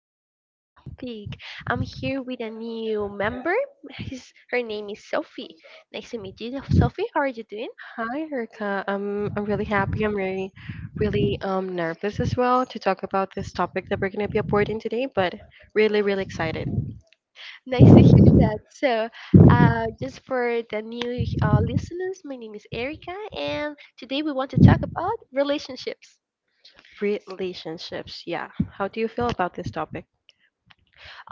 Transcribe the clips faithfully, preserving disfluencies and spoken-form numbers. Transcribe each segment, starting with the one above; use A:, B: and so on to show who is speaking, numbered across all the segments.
A: a different topic. I'm here with a new member. His, her name is Sophie. Nice to meet you, Sophie. How are you doing?
B: Hi, Erica. I'm I'm really happy. I'm really, really um, nervous as well to talk about this topic that we're going to be aborting today, but really, really excited.
A: Nice to hear that. So, uh, just for the new uh, listeners, my name is Erica, and today we want to talk about relationships.
B: Relationships, yeah. How do you feel about this topic?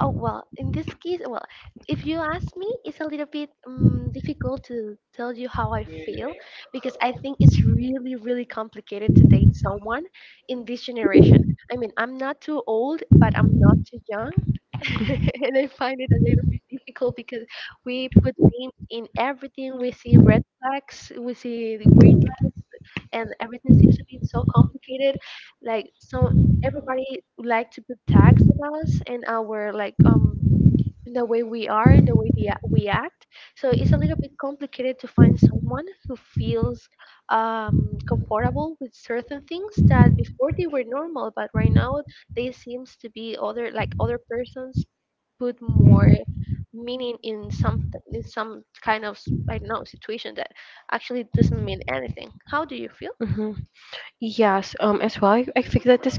A: Oh, well, in this case, well, if you ask me, it's a little bit um, difficult to tell you how I feel because I think it's really, really complicated to date someone in this generation. I mean, I'm not too old, but I'm not too young. And I find it a little difficult because we put names in everything. We see red flags, we see the green flags, and everything seems to be so complicated. Like, so everybody would like to put tags on us and our like um the way we are and the way the, we act. So it's a little bit complicated to find someone who feels um, comfortable with certain things that before they were normal, but right now they seems to be other like other persons put more meaning in some in some kind of s- I don't know situation that actually doesn't mean anything. How do you feel?
B: hmm Yes, um, as well, I, I think that this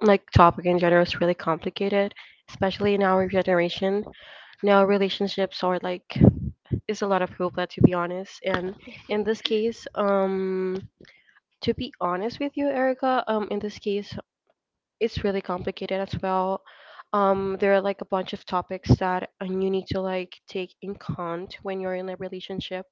B: like topic in general is really complicated, especially in our generation. Now relationships are like is a lot of hoopla, to be honest. And in this case, um, to be honest with you, Erica, um, in this case, it's really complicated as well. Um, there are like a bunch of topics that um, you need to like take in count when you're in a relationship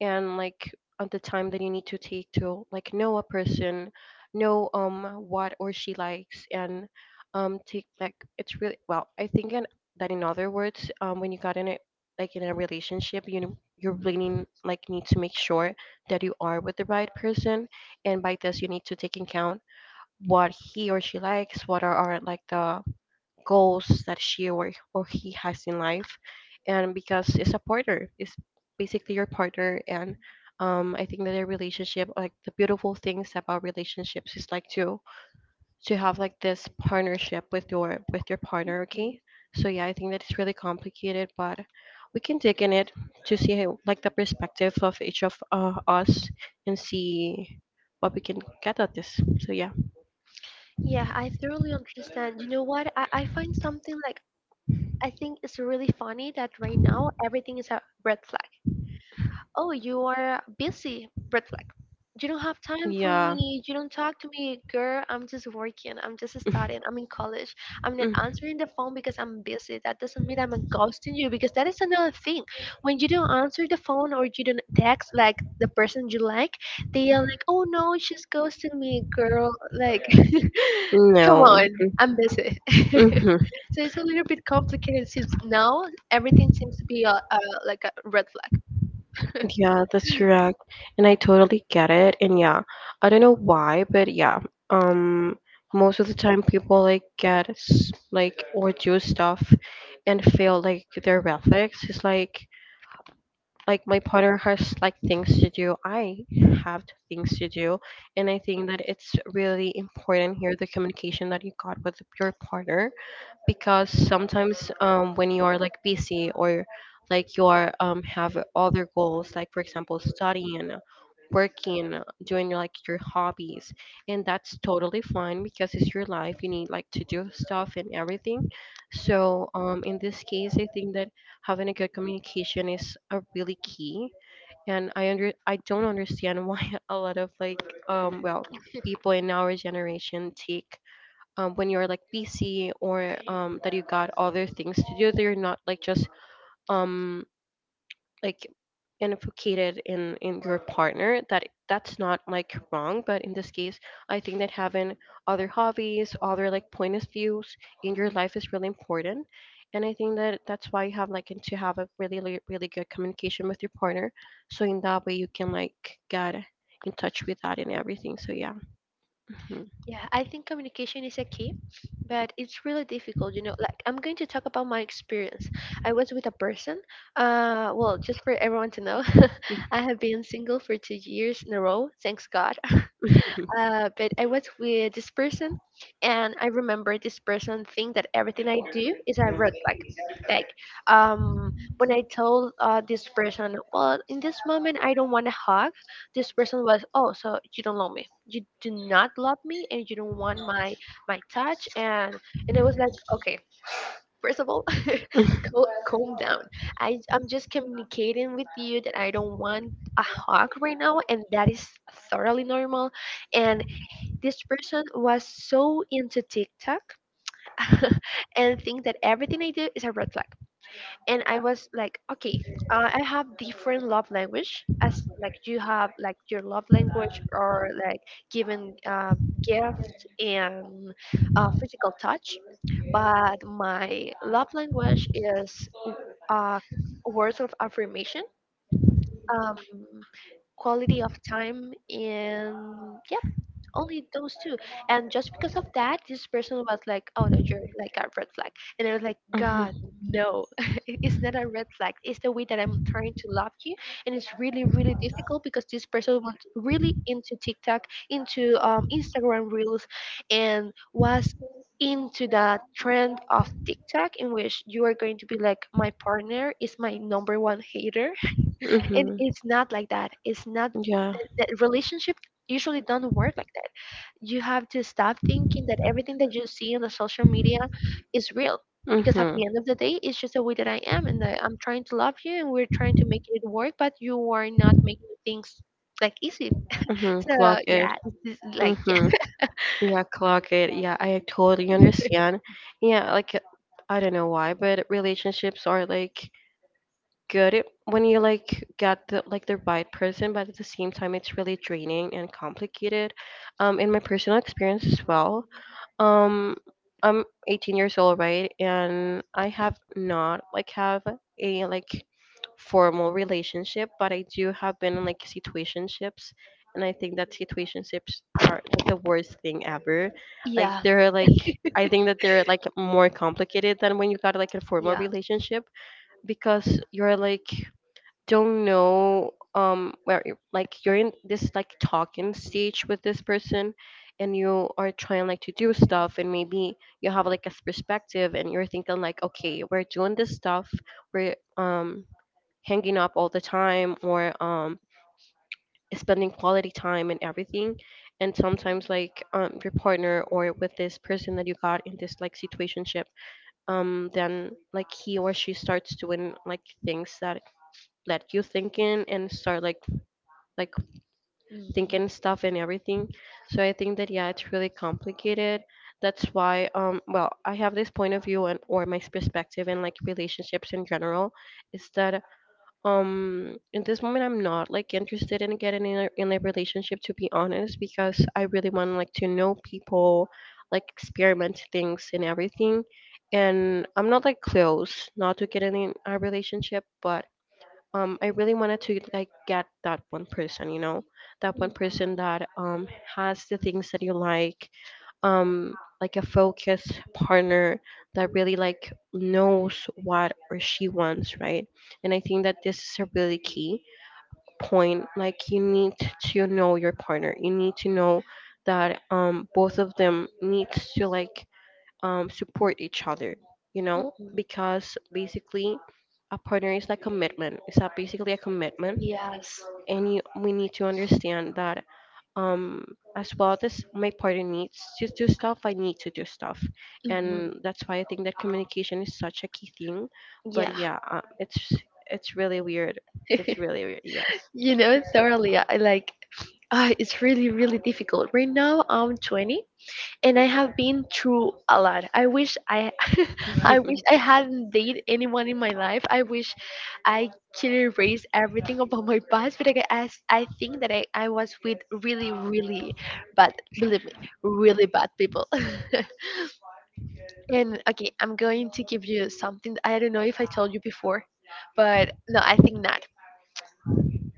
B: and like at the time that you need to take to like know a person, know um what or she likes and um take like it's really well I think in, that in other words um when you got in it like in a relationship, you know, you really need- like need to make sure that you are with the right person, and by this you need to take in count what he or she likes, what are, are like the goals that she or, or he has in life. And because it's a partner, it's basically your partner. And um, I think that a relationship, like the beautiful things about relationships is like to to have like this partnership with your with your partner, okay?
A: Mhm.
B: So yeah, I think that it's really complicated, but we can dig in it to see how, like the perspective of each of uh, us and see what we can get at this. So yeah.
A: Yeah, I thoroughly understand. You know what? I, I find something like I think it's really funny that right now everything is a red flag. Oh, you are busy. Red flag. You don't have time for
B: Yeah.
A: me. You don't talk to me, girl. I'm just working. I'm just studying. I'm in college. I'm not
B: Mhm.
A: answering the phone because I'm busy. That doesn't mean I'm ghosting you because that is another thing. When you don't answer the phone or you don't text like the person you like, they are like, oh no, she's ghosting me, girl. Like, come
B: No.
A: on, I'm busy.
B: Mm-hmm.
A: So it's a little bit complicated since now everything seems to be a, a like a red flag.
B: Yeah, that's correct. And I totally get it. And yeah, I don't know why, but yeah, um, most of the time people like get s- like overdo stuff and feel like their are is like like my partner has like things to do, I have things to do, and I think that it's really important here the communication that you got with your partner, because sometimes um, when you are like busy or like you are um, have other goals, like for example studying, working, doing like your hobbies, and that's totally fine because it's your life, you need like to do stuff and everything. So um, in this case I think that having a good communication is a really key. And I under I don't understand why a lot of like um well people in our generation take um, when you're like busy or um, that you got other things to do, that you're not like just um, like unificated in in your partner, that that's not like wrong, but in this case I think that having other hobbies, other like point of views in your life is really important. And I think that that's why you have like and to have a really, really, really good communication with your partner, so in that way you can like get in touch with that and everything. So yeah.
A: Yeah, I think communication is a key, but it's really difficult, you know. Like, I'm going to talk about my experience. I was with a person, uh, well, just for everyone to know. I have been single for two years in a row, thanks God.
B: Mhm.
A: Uh, but I was with this person, and I remember this person think that everything I do is a red flag. Like, um, when I told uh, this person, well, in this moment I don't want a hug, this person was, oh, so you don't love me, you do not love me, and you don't want my my touch, and and I was like, okay, first of all, cal- calm down. I I'm just communicating with you that I don't want a hug right now, and that is thoroughly normal. And this person was so into TikTok. And think that everything I do is a red flag. And I was like, okay, uh, I have different love language as like you have like your love language or like giving uh, gift and uh, physical touch, but my love language is uh, words of affirmation, um, quality of time, and only those two. And just because of that, this person was like, "Oh no, you're like a red flag." And I was like,
B: Uh-huh.
A: "God, no, It- it's not a red flag. It's the way that I'm trying to love you." And it's really, really difficult because this person was really into TikTok, into um, Instagram Reels, and was into the trend of TikTok in which you are going to be like my partner is my number one hater. And
B: Mm-hmm.
A: it's not like that. It's not
B: Yeah.
A: that relationship usually don't work like that. You have to stop thinking that everything that you see on the social media is real because at
B: Mm-hmm.
A: the end of the day it's just the way that I am. And I, i'm trying to love you and we're trying to make it work, but you are not making things like easy.
B: Mm-hmm.
A: So
B: Clock it.
A: yeah, it's just like yeah.
B: Mm-hmm. Yeah, clock it. Yeah, I totally understand. Yeah, like I don't know why, but relationships are like good it, when you like get the like the right person, but at the same time it's really draining and complicated. Um, in my personal experience as well, um, I'm eighteen years old, right, and I have not like have a like formal relationship, but I do have been in like situationships. And I think that situationships are like the worst thing ever, like
A: Yeah.
B: they're like I think that they're like more complicated than when you got like a formal
A: Yeah.
B: relationship, because you're like don't know um where you like you're in this like talking stage with this person, and you are trying like to do stuff, and maybe you have like a perspective and you're thinking like okay, we're doing this stuff, we're um hanging up all the time or um spending quality time and everything. And sometimes like um your partner or with this person that you got in this like situationship, um then like he or she starts doing like things that let you thinking and start like like
A: Mhm. Mhm.
B: thinking stuff and everything. So I think that yeah, it's really complicated. That's why um well I have this point of view and or my perspective in like relationships in general is that um in this moment I'm not like interested in getting in a, in a relationship, to be honest, because I really want like to know people, like experiment things and everything. And I'm not like close not to getting in a relationship, but um I really wanted to like get that one person, you know, that one
A: Mhm.
B: person that um has the things that you like, um like a focused partner that really like knows what or she wants, right? And I think that this is a really key point. Like you need to know your partner. You need to know that um both of them needs to like um, support each other, you know, because basically a partner is like commitment. It's a, basically a commitment,
A: Yes.
B: and you, we need to understand that um, as well as my partner needs to do stuff, I need to do stuff,
A: Mhm.
B: and that's why I think that communication is such a key thing. But
A: Yeah.
B: yeah, uh, it's it's really weird. It's really weird. Yes.
A: You know, thoroughly. I like, ah, it's really, really difficult. Right now, I'm twenty and I have been through a lot. I wish I, I wish I hadn't dated anyone in my life. I wish I could erase everything about my past, but I, g- I s- I think that I, I was with really, really bad, believe me, really bad people. And okay, I'm going to give you something that I don't know if I told you before, but no, I think not.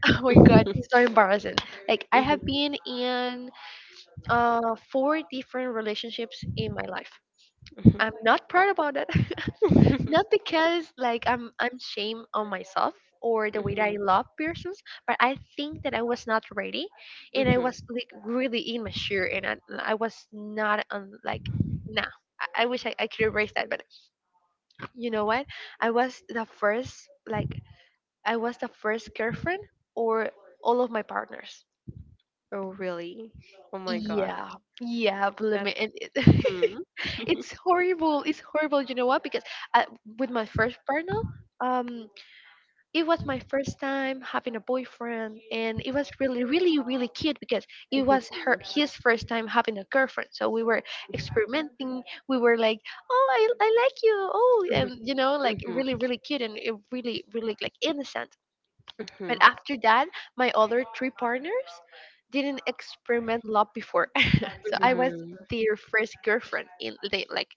A: Oh my God, this
B: Mhm.
A: is so embarrassing. Like I
B: Mhm.
A: have been in uh four different relationships in my life. I'm not proud about it. Not because like I'm I'm shame on myself or the way that I love persons, but I think that I was not ready
B: Mhm.
A: and
B: Mhm.
A: I
B: Mhm.
A: was like really immature, and I, I was not on like nah. I, I wish I, I could erase that, but you know what? I was the first like I was the first girlfriend or all of my partners.
B: Oh, really? Oh my God.
A: Yeah, yeah, blimey,
B: That's.
A: and it,
B: hmm
A: it's horrible. It's horrible. You know what? Because I, with my first partner, um, it was my first time having a boyfriend, and it was really, really, really cute because it was her his first time having a girlfriend. So we were experimenting. We were like, "Oh, I, I like you." Oh, and you know,
B: hmm
A: like
B: hmm
A: really, really cute and it really, really like innocent. But
B: Mhm.
A: after that, my other three partners didn't experiment a lot before so I was
B: Mm.
A: their first girlfriend in the like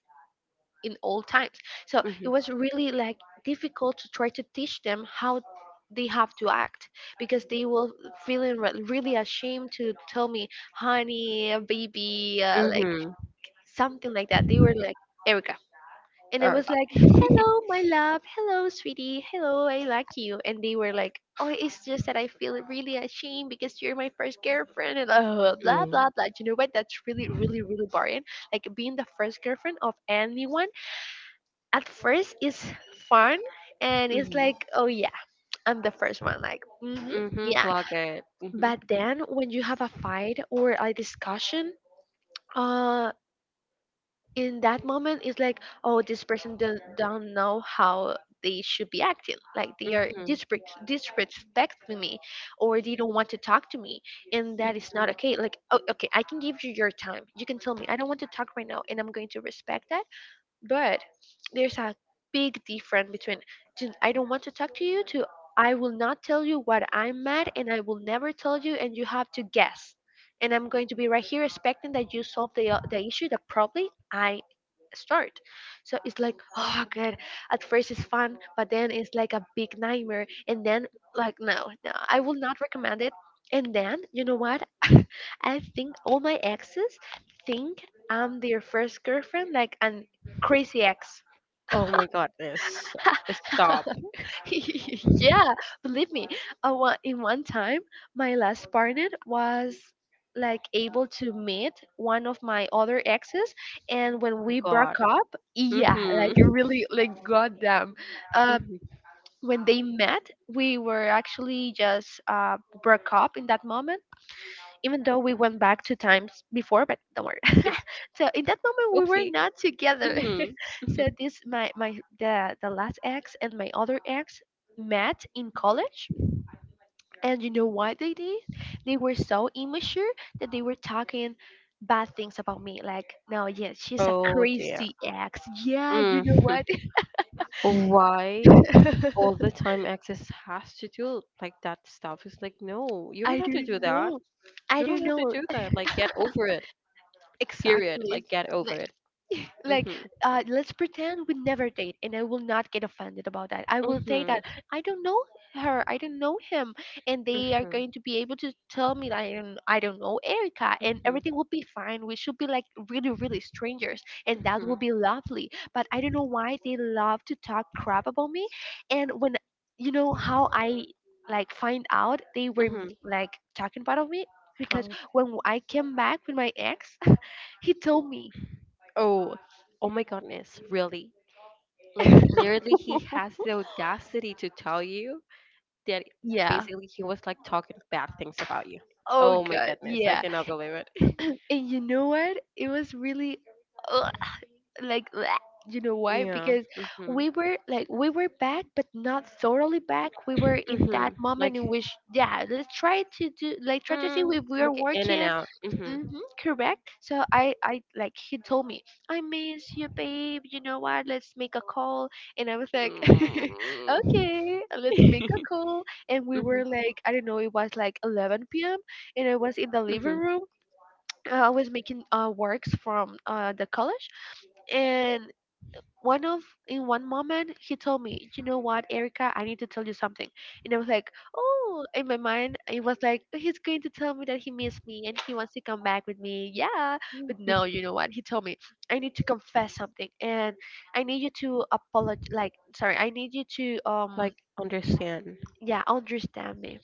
A: in old times. So
B: Mhm.
A: it
B: Mhm. Okay.
A: was really like difficult to try to teach them how they have to act because they were feeling re- really ashamed to tell me honey baby, uh, like something like that. They were like, "Erica," and it was like, "Hello, my love. Hello, sweetie. Hello, I like you." And they were like, "Oh, it's just that I feel really ashamed because you're my first girlfriend." And uh, blah blah
B: Mm.
A: blah. You know what? That's really really really boring. Like being the first girlfriend of anyone at first is fun, and it's
B: Mhm.
A: like, "Oh yeah, I'm the first one." Like, mm-hmm,
B: Mhm.
A: yeah.
B: Clock it. Mhm.
A: But then when you have a fight or a discussion. Uh, in that moment it's like oh this person don't, don't know how they should be acting like they are
B: Mhm.
A: disrespect, disrespecting me or they don't want to talk to me, and that is not okay. Like, oh, okay, I can give you your time. You can tell me I don't want to talk right now and I'm going to respect that. But there's a big difference between "Dude, I don't want to talk to you" to "I will not tell you what I'm mad and I will never tell you and you have to guess. And I'm going to be right here expecting that you solve the, uh, the issue that probably I start." So it's like, oh God, at first it's fun, but then it's like a big nightmare. And then like no, no, I will not recommend it. And then you know what? I think all my exes think I'm their first girlfriend, like an Crazy X.
B: Oh my goodness. Stop.
A: Yeah, believe me. I wa- in one time, my last partner was like able to meet one of my other exes, and when we
B: God.
A: broke up, yeah,
B: Mm-hmm.
A: like really, like goddamn, uh,
B: Mm-hmm.
A: when they met, we were actually just uh, broke up in that moment. Even though we went back two times before, but don't worry. So in that moment we were
B: Oopsie.
A: not together.
B: Mm-hmm.
A: So this my my the the last ex and my other ex met in college. And you know what they did? They were so immature that they were talking bad things about me like, "No, yes, she's a
B: Oh dear.
A: crazy ex, yeah, you know
B: Mm-hmm.
A: what."
B: Why all the time access has to do like that stuff? It's like, no, you don't
A: I
B: have to
A: don't
B: do that.
A: know. I
B: You don't
A: don't
B: have to
A: know.
B: do that. Like, get over it. Period.
A: Exactly.
B: Like, get over it.
A: Like,
B: Mhm.
A: uh, let's pretend we never date and I will not get offended about that. I will say that
B: Mhm.
A: I don't know her, I don't know him, and they are
B: Mhm.
A: going to be able to tell me that i don't, I don't know Erica, and everything
B: Mhm.
A: will be fine. We should be like really really strangers and that
B: Mhm.
A: will be lovely. But I don't know why they love to talk crap about me. And when you know how I like find out they were mm,
B: Mhm.
A: like talking about me. Because
B: How?
A: when I came back with my ex, he told me.
B: Oh. Oh my goodness. Really? Like, literally, he has the audacity to tell you that
A: Yeah.
B: basically he was like talking bad things about you.
A: Oh
B: Oh my
A: God,
B: goodness. I
A: yeah.
B: cannot believe it.
A: And you know what? It was really ugh, like bleh. You know why?
B: Yeah.
A: Because
B: Mhm.
A: we were like we were back but not thoroughly back. We were in that
B: Mhm.
A: moment
B: Like.
A: in which, yeah, let's try to do like try to see
B: Mm,
A: if we are
B: communicate in and
A: working.
B: out. Mm-hmm.
A: Mm-hmm, correct. So I I like he told me, "I miss you, babe. You know what? Let's make a call." And I was like,
B: Mm.
A: "Okay, let's make a call." And we
B: Mhm,
A: were like, I don't know, it was like eleven p m p.m and I was in the living
B: mhm,
A: room. I was making uh, works from uh, the college, and one of in one moment he told me, "You know what, Erica? I need to tell you something." And I was like, "Oh!" In my mind, it was like he's going to tell me that he missed me and he wants to come back with me. Yeah, but no, you
B: mhm.
A: know what? He told me, I need to confess something, and I need you to apologize. Like, sorry, I need you to, um
B: Like understand.
A: yeah, understand me.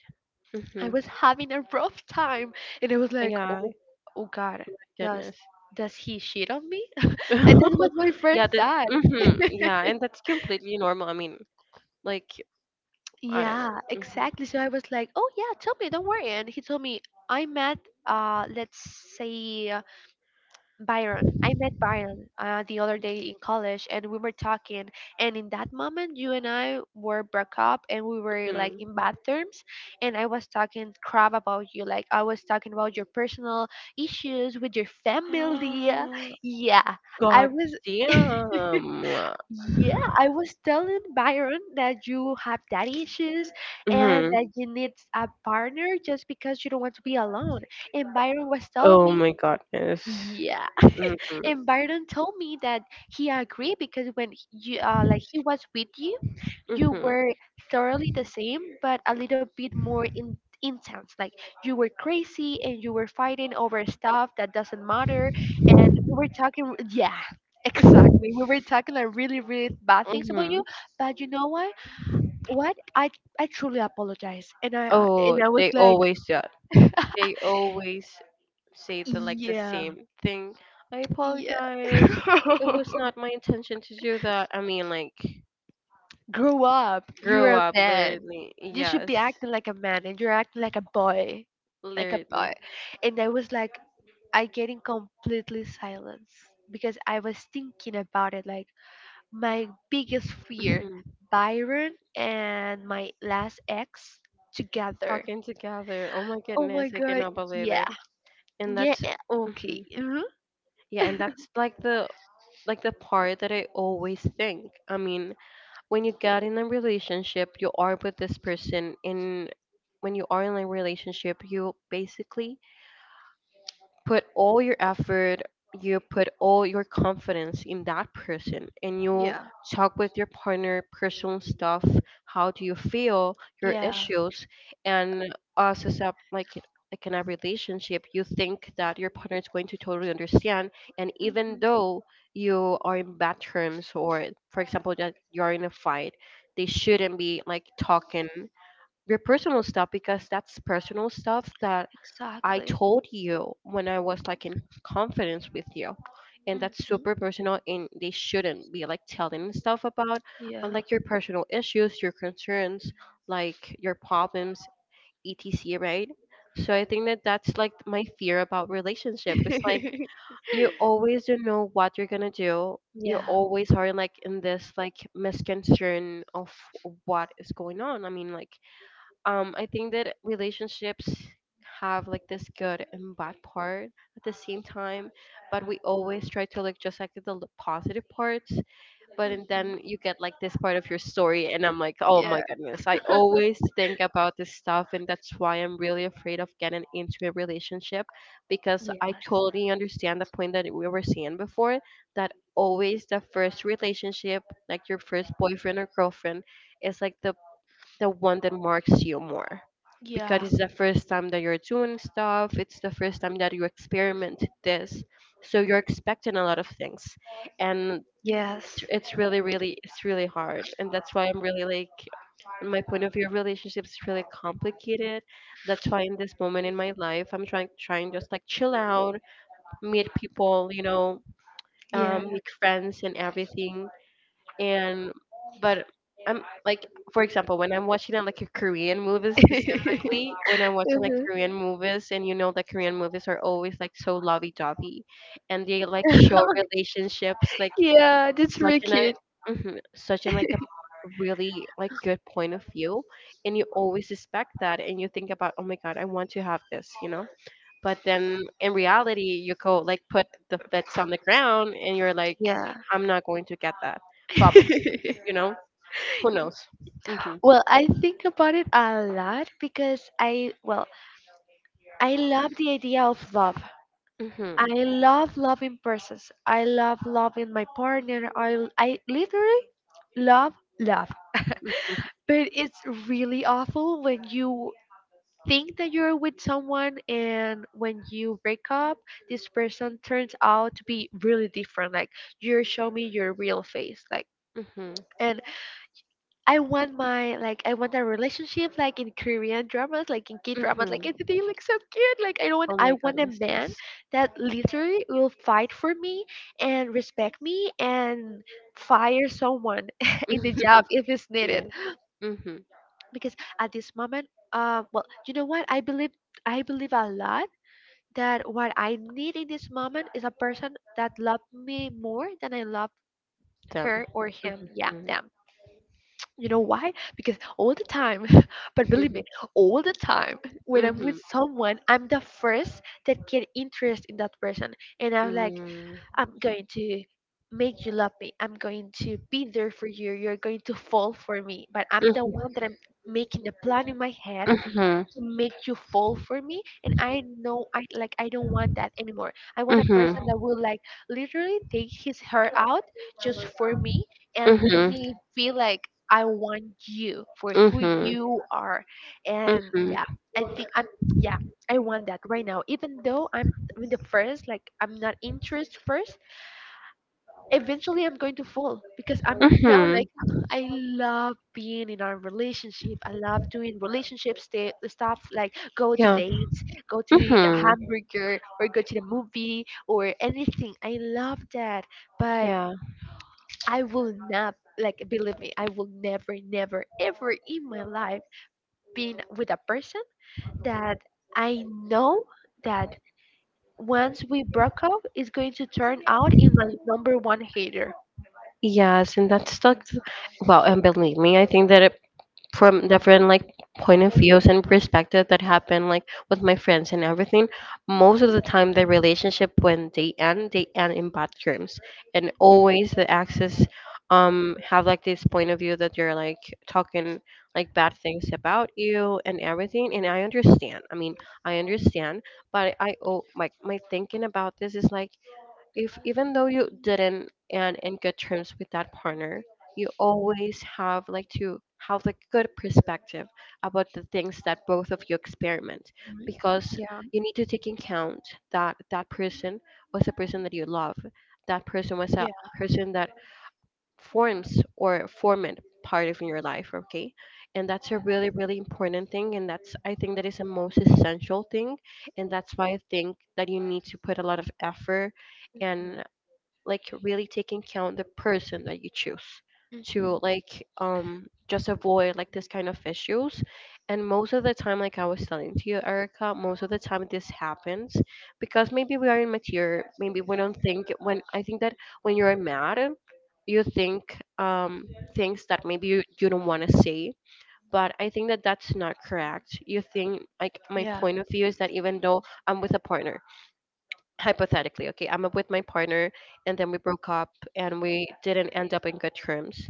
A: I
B: hmm
A: was having a rough time, and I was like,
B: Yeah.
A: "Oh, oh God,
B: My
A: does
B: goodness.
A: does he cheat on me?" And that was my first
B: Yeah. That.
A: time.
B: hmm Yeah, and that's completely normal. I mean, like I don't
A: Yeah,
B: know.
A: exactly. So I was like, "Oh yeah, tell me, don't worry." And he told me, "I met, uh, let's say." Byron. I met Byron, uh, the other day in college, and we were talking. And in that moment, you and I were broke up, and we were
B: hmm
A: like
B: hmm
A: in bad terms. And I was talking crap about you, like I was talking about your personal issues with your family. Yeah, yeah, I
B: God
A: was.
B: damn.
A: Yeah, I was telling Byron that you have daddy issues and
B: hmm
A: that you need a partner just because you don't want to be alone. And Byron was telling
B: Oh
A: me,
B: my goodness.
A: yeah,
B: Mm-hmm.
A: and Byron told me that he agreed because when he- you uh, like he was with you, you
B: Mm-hmm.
A: were thoroughly the same, but a little bit more, in, intense. Like you were crazy and you were fighting over stuff that doesn't matter, and we were talking. Yeah, exactly. We were talking like really, really bad things about
B: Mm-hmm.
A: you. But you know what? What I I truly apologize, and I, I and
B: Oh,
A: I was
B: they
A: like,
B: always do. That. They always say the like the
A: yeah,
B: same thing. I
A: yeah.
B: apologize. It was not my intention to do that. I mean, like,
A: Grow up.
B: grow
A: You're a
B: up,
A: man.
B: literally.
A: You should be
B: Yes,
A: acting like a man and you're acting like a boy. Like a boy.
B: literally.
A: And I was like, I getting completely silenced because I was thinking about it, like, my biggest fear,
B: Mhm.
A: Byron and my last ex together.
B: Talking together. Oh my
A: Oh my
B: goodness, I
A: god,
B: cannot believe
A: yeah.
B: it. And
A: Yeah,
B: that's
A: okay.
B: mhm.
A: Hmm.
B: Yeah, and that's like the like the part that I always think. I mean, when you get in a relationship you are with this person, and when you are in a relationship you basically put all your effort, you put all your confidence in that person, and you
A: Yeah.
B: talk with your partner personal stuff. How do you feel? Your
A: Yeah.
B: issues, and us as a like like in a relationship, you think that your partner is going to totally understand, and even
A: Hmm.
B: though you are in bad terms, or for example that you are in a fight, they shouldn't be like talking your personal stuff, because that's personal stuff that I
A: Exactly.
B: told you when I was like in confidence with you, and that's
A: Hmm.
B: super personal, and they shouldn't be like telling stuff about
A: Yeah.
B: unlike your personal issues, your concerns, like your problems, et cetera. Right? So I think that that's like my fear about relationship. It's like you always don't know what you're gonna do. You
A: Yeah.
B: always are like in this like misconception of what is going on. I mean, like um I think that relationships have like this good and bad part at the same time, but we always try to like just like the l- positive parts. But and
A: Mhm.
B: then you get like this part of your story, and I'm like, oh my
A: Yeah.
B: goodness, I always think about this stuff, and that's why I'm really afraid of getting into a relationship, because I
A: Yes.
B: totally understand the point that we were saying before, that always the first relationship, like your first boyfriend or girlfriend, is like the the one that marks you more, because
A: Yeah.
B: it's the first time that you're doing stuff, it's the first time that you experiment this, so you're expecting a lot of things. And
A: Yes.
B: it's it's really, really, it's really hard. And that's why I'm really like, in my point of view, relationships really complicated. That's why in this moment in my life I'm trying trying just like chill out, meet people, you know
A: Yeah.
B: um, make friends and everything. And but I'm like, for example, when I'm watching uh, like a Korean movies, specifically when I'm watching like
A: Mhm.
B: Korean movies, and you know that Korean movies are always like so lovey dovey, and they like show relationships like
A: Yeah, that's
B: such
A: really
B: an
A: cute.
B: a mhm, such an like a really like good point of view. And you always expect that, and you think about, oh my god, I want to have this you know But then in reality you go like put the bets on the ground, and you're like,
A: Yeah.
B: I'm not going to get that, probably, you know, who knows? Mhm.
A: Well, I think about it a lot because, I, well, I love the idea of love.
B: Mhm.
A: I love loving persons. I love loving my partner. I I literally love love.
B: Mhm.
A: But it's really awful when you think that you're with someone and when you break up, this person turns out to be really different. Like, you show me your real face. Like,
B: Mhm.
A: and I want my like I want a relationship like in Korean dramas, like in K dramas, like,
B: Mhm.
A: and they look so cute. Like, I don't want
B: Oh
A: I
B: my
A: want a
B: goodness,
A: man
B: yes.
A: that literally will fight for me and respect me and fire someone in the job if it's needed.
B: Yeah. Mhm.
A: Because at this moment, uh well, you know what? I believe I believe a lot that what I need in this moment is a person that love me more than I love
B: Them.
A: her or him. Yeah,
B: Mhm.
A: them. You know why? Because all the time, but believe me, all the time when I'm with
B: Mhm.
A: someone, I'm the first that get interest in that person, and I'm like,
B: Mm.
A: I'm going to make you love me. I'm going to be there for you. You're going to fall for me. But I'm the
B: Mhm.
A: one that I'm making the plan in my head, to make you fall for me. And I know, i like I don't want that anymore. I want a
B: Mhm.
A: person that will, like, literally take his hair out just for me and
B: Mhm.
A: make
B: Mhm.
A: me feel like, I want you for who
B: Mhm.
A: you are. And
B: Mhm.
A: yeah, I think I'm, yeah, I want that right now, even though I'm in the first, like, I'm not interest first, eventually I'm going to fall because I'm now
B: Mhm.
A: like, I love being in our relationship. I love doing relationship sta- stuff, like go to
B: Yeah.
A: dates, go to eat a
B: Mhm.
A: hamburger or go to the movie or anything. I love that, but
B: Yeah.
A: I will not, like, believe me, I will never, never, ever in my life being with a person that I know that once we broke up is going to turn out in my number one hater.
B: Yes, and that's like, well, and believe me, I think that it, from different like point of views and perspective, that happen like with my friends and everything. Most of the time the relationship, when they end, they end in bad terms, and always the exes um have like this point of view that you're like talking like bad things about you and everything. And I understand, I mean, I understand, but I, oh, like my thinking about this is like, if even though you didn't and in good terms with that partner, you always have like to have like good perspective about the things that both of you experiment,
A: Mhm.
B: because
A: Yeah,
B: you need to take in account that that person was a person that you love, that person was a
A: yeah.
B: person that forms or formed part of your life, okay? And that's a really, really important thing, and that's, I think that is the most essential thing. And that's why I think that you need to put a lot of effort
A: Mhm.
B: and like really taking count the person that you choose
A: Mhm.
B: to like um just avoid like this kind of issues. And most of the time, like I was telling to you, Erica, most of the time this happens because maybe we are immature, maybe we don't think. When I think that when you're mad, you think um things that maybe you, you don't want to say, but I think that that's not correct. You think like, my
A: Yeah.
B: point of view is that, even though I'm with a partner, hypothetically, okay, I'm with my partner and then we broke up and we didn't end up in good terms,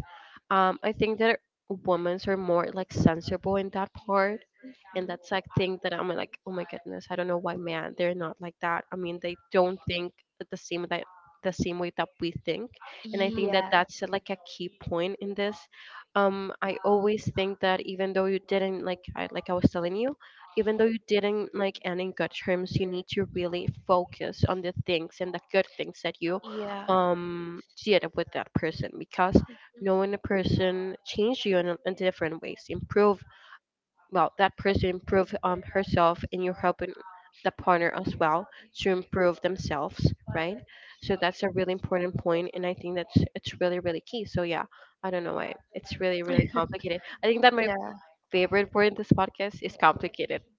B: um I think that women are more like sensible in that part.
A: Mhm.
B: And that's like thing that I'm like, oh my goodness, I don't know why man they're not like that. I mean, they don't think that the same that the same way that we think. And I think that
A: Yes.
B: that's uh, like a key point in this. um I always think that even though you didn't like I, like I was telling you, even though you didn't like end in good terms, you need to really focus on the things and the good things that you
A: Yeah.
B: um did with that person, because knowing a person changed you in, a- in different ways, improve, well, that person improve um herself, and you're helping the partner as well to improve themselves, right? So that's a really important point, and I think that's it's really, really key. So yeah, I don't know why it's really, really complicated. I think that my
A: Yeah.
B: favorite word in this podcast is complicated.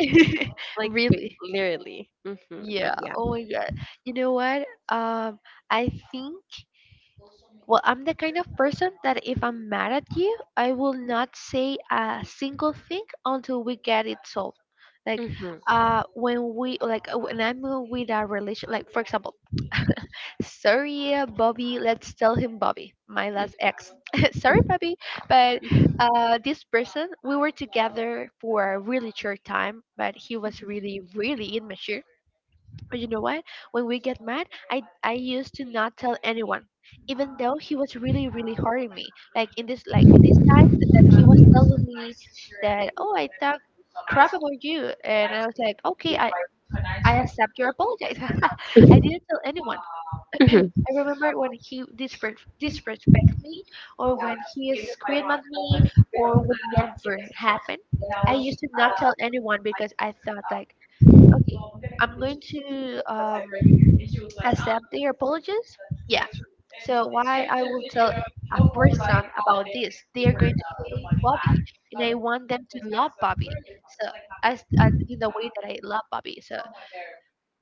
B: Like wi-
A: Really?
B: literally. Hmm. But
A: Yeah.
B: yeah.
A: Oh my God. You know what? Um, I think. Well, I'm the kind of person that if I'm mad at you, I will not say a single thing until we get it solved.
B: Hmm.
A: Like,
B: Hmm.
A: uh, when we like uh, when I'm, uh, with a relation, like, for example, sorry, uh, Bobby. Let's tell him Bobby, my last ex. Sorry, Bobby, but, uh, this person, we were together for a really short time, but he was really, really immature. But you know what? When we get mad, I I used to not tell anyone, even though he was really really hurting me. Like in this like this time that he was telling me that, oh, I talk crap about you, and I was like, okay, I I accept your apologize. I
B: Hmm.
A: didn't tell anyone.
B: Hmm.
A: I remember when he disrespect disrespect me, or when he screamed at me, or would never happen. I used to not tell anyone because I thought like, okay, I'm going to, um accept their apologies? Yeah. So why I will tell a person about this? They are going to Bobby, and I want them to love Bobby. So, as, uh, in the way that I love Bobby. So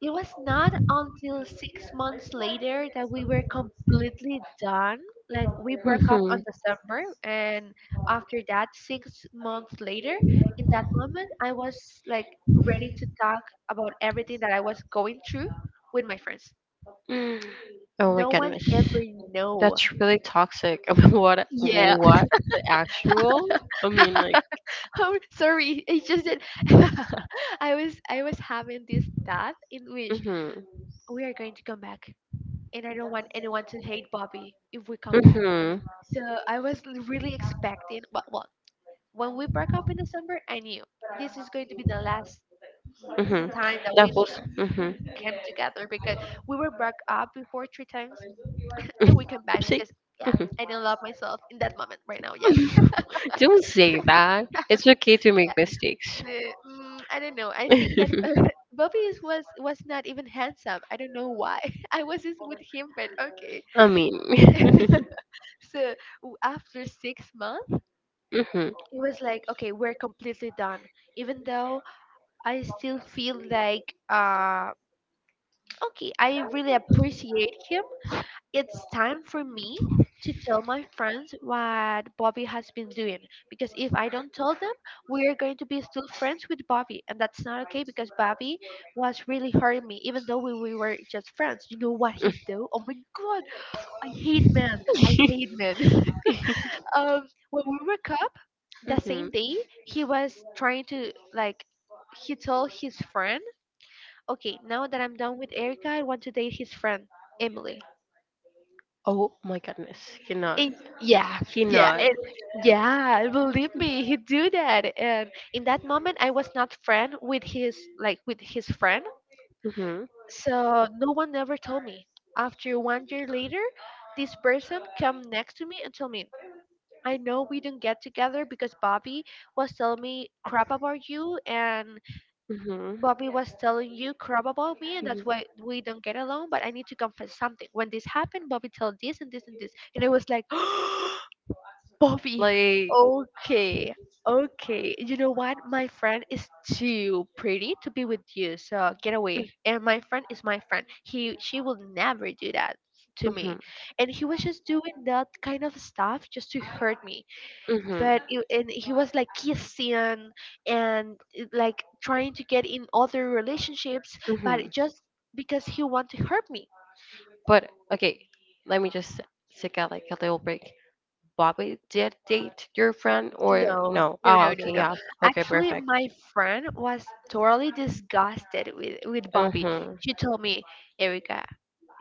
A: it was not until six months later that we were completely done. Like, we broke up on December, and after that, six months later, in that moment, I was like ready to talk about everything that I was going through with my friends.
B: Mm. Oh my
A: No one
B: goodness.
A: ever know.
B: That's really toxic. I mean, what
A: Yeah.
B: what the actual? I mean like,
A: Oh, sorry. It's just that I was I was having this thought in which
B: mhm.
A: we are going to come back, and I don't want anyone to hate Bobby if we come back.
B: Mhm.
A: So I was, l- really expecting. Well, well, when we broke up in December, I knew this is going to be the last
B: Mhm.
A: time that
B: That
A: we
B: was. Mhm.
A: came together because we were broke up before three times, and we came back
B: Oopsie.
A: because, yeah,
B: Mhm.
A: I didn't love myself in that moment. Right now, yes.
B: Don't say that. It's okay to make mistakes.
A: The, mm, I don't know. I think that Bobby is, was was not even handsome. I don't know why. I was just with him, but okay.
B: I mean.
A: So, w- after six months,
B: Mhm.
A: it was like, okay, we're completely done. Even though I still feel like, uh okay, I really appreciate him, it's time for me to tell my friends what Bobby has been doing, because if I don't tell them, we are going to be still friends with Bobby, and that's not okay because Bobby was really hurting me, even though we, we were just friends. You know what he do? Oh my god, I hate men. I hate men. um, when we woke up the same
B: Mhm.
A: day, he was trying to, like, he told his friend, okay, now that I'm done with Erica, I want to date his friend Emily.
B: Oh my goodness. He not.
A: And yeah,
B: He
A: yeah,
B: not.
A: and yeah, believe me, he do that. And in that moment, I was not friend with his like with his friend,
B: Mhm.
A: so no one ever told me. After one year later, this person come next to me and told me, "I know we don't get together because Bobby was telling me crap about you, and
B: Mhm.
A: Bobby was telling you crap about me, and that's
B: Mhm.
A: why we don't get along. But I need to confess something. When this happened, Bobby told this and this and this, and I was like." Bobby.
B: Like,
A: Okay. Okay. You know what? My friend is too pretty to be with you, so get away. And my friend is my friend. He she will never do that to
B: mhm.
A: me. And he was just doing that kind of stuff just to hurt me.
B: Mhm.
A: But it, and he was like kissing and, uh, like trying to get in other relationships, but
B: Mhm.
A: just because he want to hurt me.
B: But okay, let me just take out like a little break. Bobby did date your friend or
A: No,
B: no?
A: no,
B: Ah,
A: no, no,
B: okay,
A: no.
B: yeah, okay,
A: Actually,
B: perfect.
A: my friend was totally disgusted with with Bobby.
B: Mhm,
A: She told me, Erica,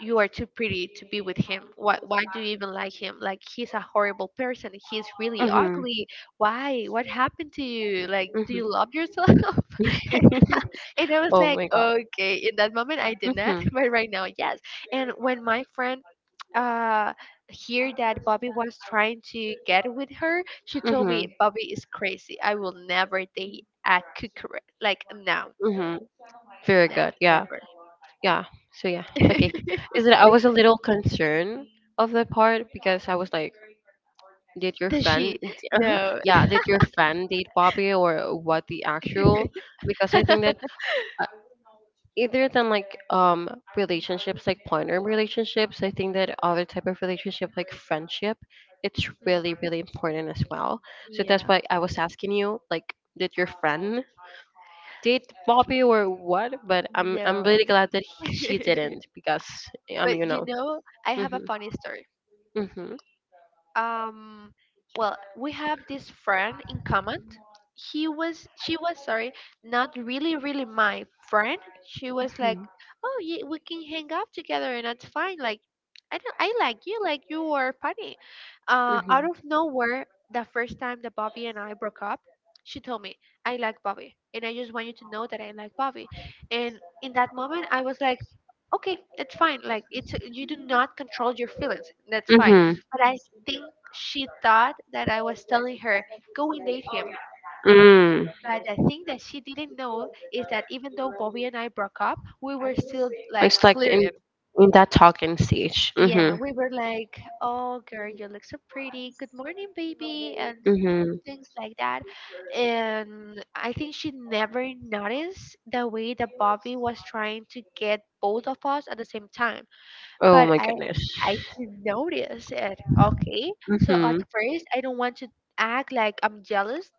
A: you are too pretty to be with him. Why, why do you even like him? Like, he's a horrible person. He's really
B: mhm,
A: ugly. Why? What happened to you? Like, do
B: mhm,
A: you love yourself? And I was
B: oh
A: like,
B: my god.
A: okay. In that moment, I did not,
B: Mhm.
A: but right now, yes. And when my friend uh hear that Bobby was trying to get with her, she told me
B: Mhm.
A: Bobby is crazy. I will never date a Cucurella. Like no,
B: Mhm. Very
A: no,
B: good. Yeah.
A: never.
B: Yeah. So yeah. Okay. Is that I was a little concerned of that part, because I was like, did your
A: Does
B: friend,
A: she? No.
B: yeah, did your friend date Bobby or what the actual? Because I think that uh, either than like um relationships like partner relationships, I think that other type of relationship like friendship, it's
A: Mhm.
B: really, really important as well. So that's
A: Yeah.
B: why I was asking you, like, did your friend date Bobby or what, but i'm i'm really
A: No.
B: glad that he, she didn't, because um you
A: But you
B: know.
A: know, I have a
B: Mm-hmm,
A: funny story.
B: mm-hmm,
A: um well, we have this friend in common. He was, she was, sorry, not really really my friend. She was like,
B: mm-hmm,
A: oh yeah, we can hang out together and that's fine. Like I don't I like you, like you are funny. Uh
B: mm-hmm,
A: out of nowhere, the first time that Bobby and I broke up, she told me, I like Bobby and I just want you to know that I like Bobby. And in that moment I was like, okay, that's fine, like it's, you do not control your feelings, that's fine.
B: mm-hmm,
A: But I think she thought that I was telling her, go and date him.
B: mm.
A: But the thing that she didn't know is that even though Bobby and I broke up, we were still like
B: It's like in
A: flirting.
B: in that talking stage.
A: Yeah,
B: Mhm.
A: we were like, oh, girl, you look so pretty. Good morning, baby. And
B: Mhm.
A: things like that. And I think she never noticed the way that Bobby was trying to get both of us at the same time.
B: Oh
A: But
B: my
A: I
B: goodness.
A: I did notice it. Okay, so at
B: Mhm.
A: first I don't want to act like I'm jealous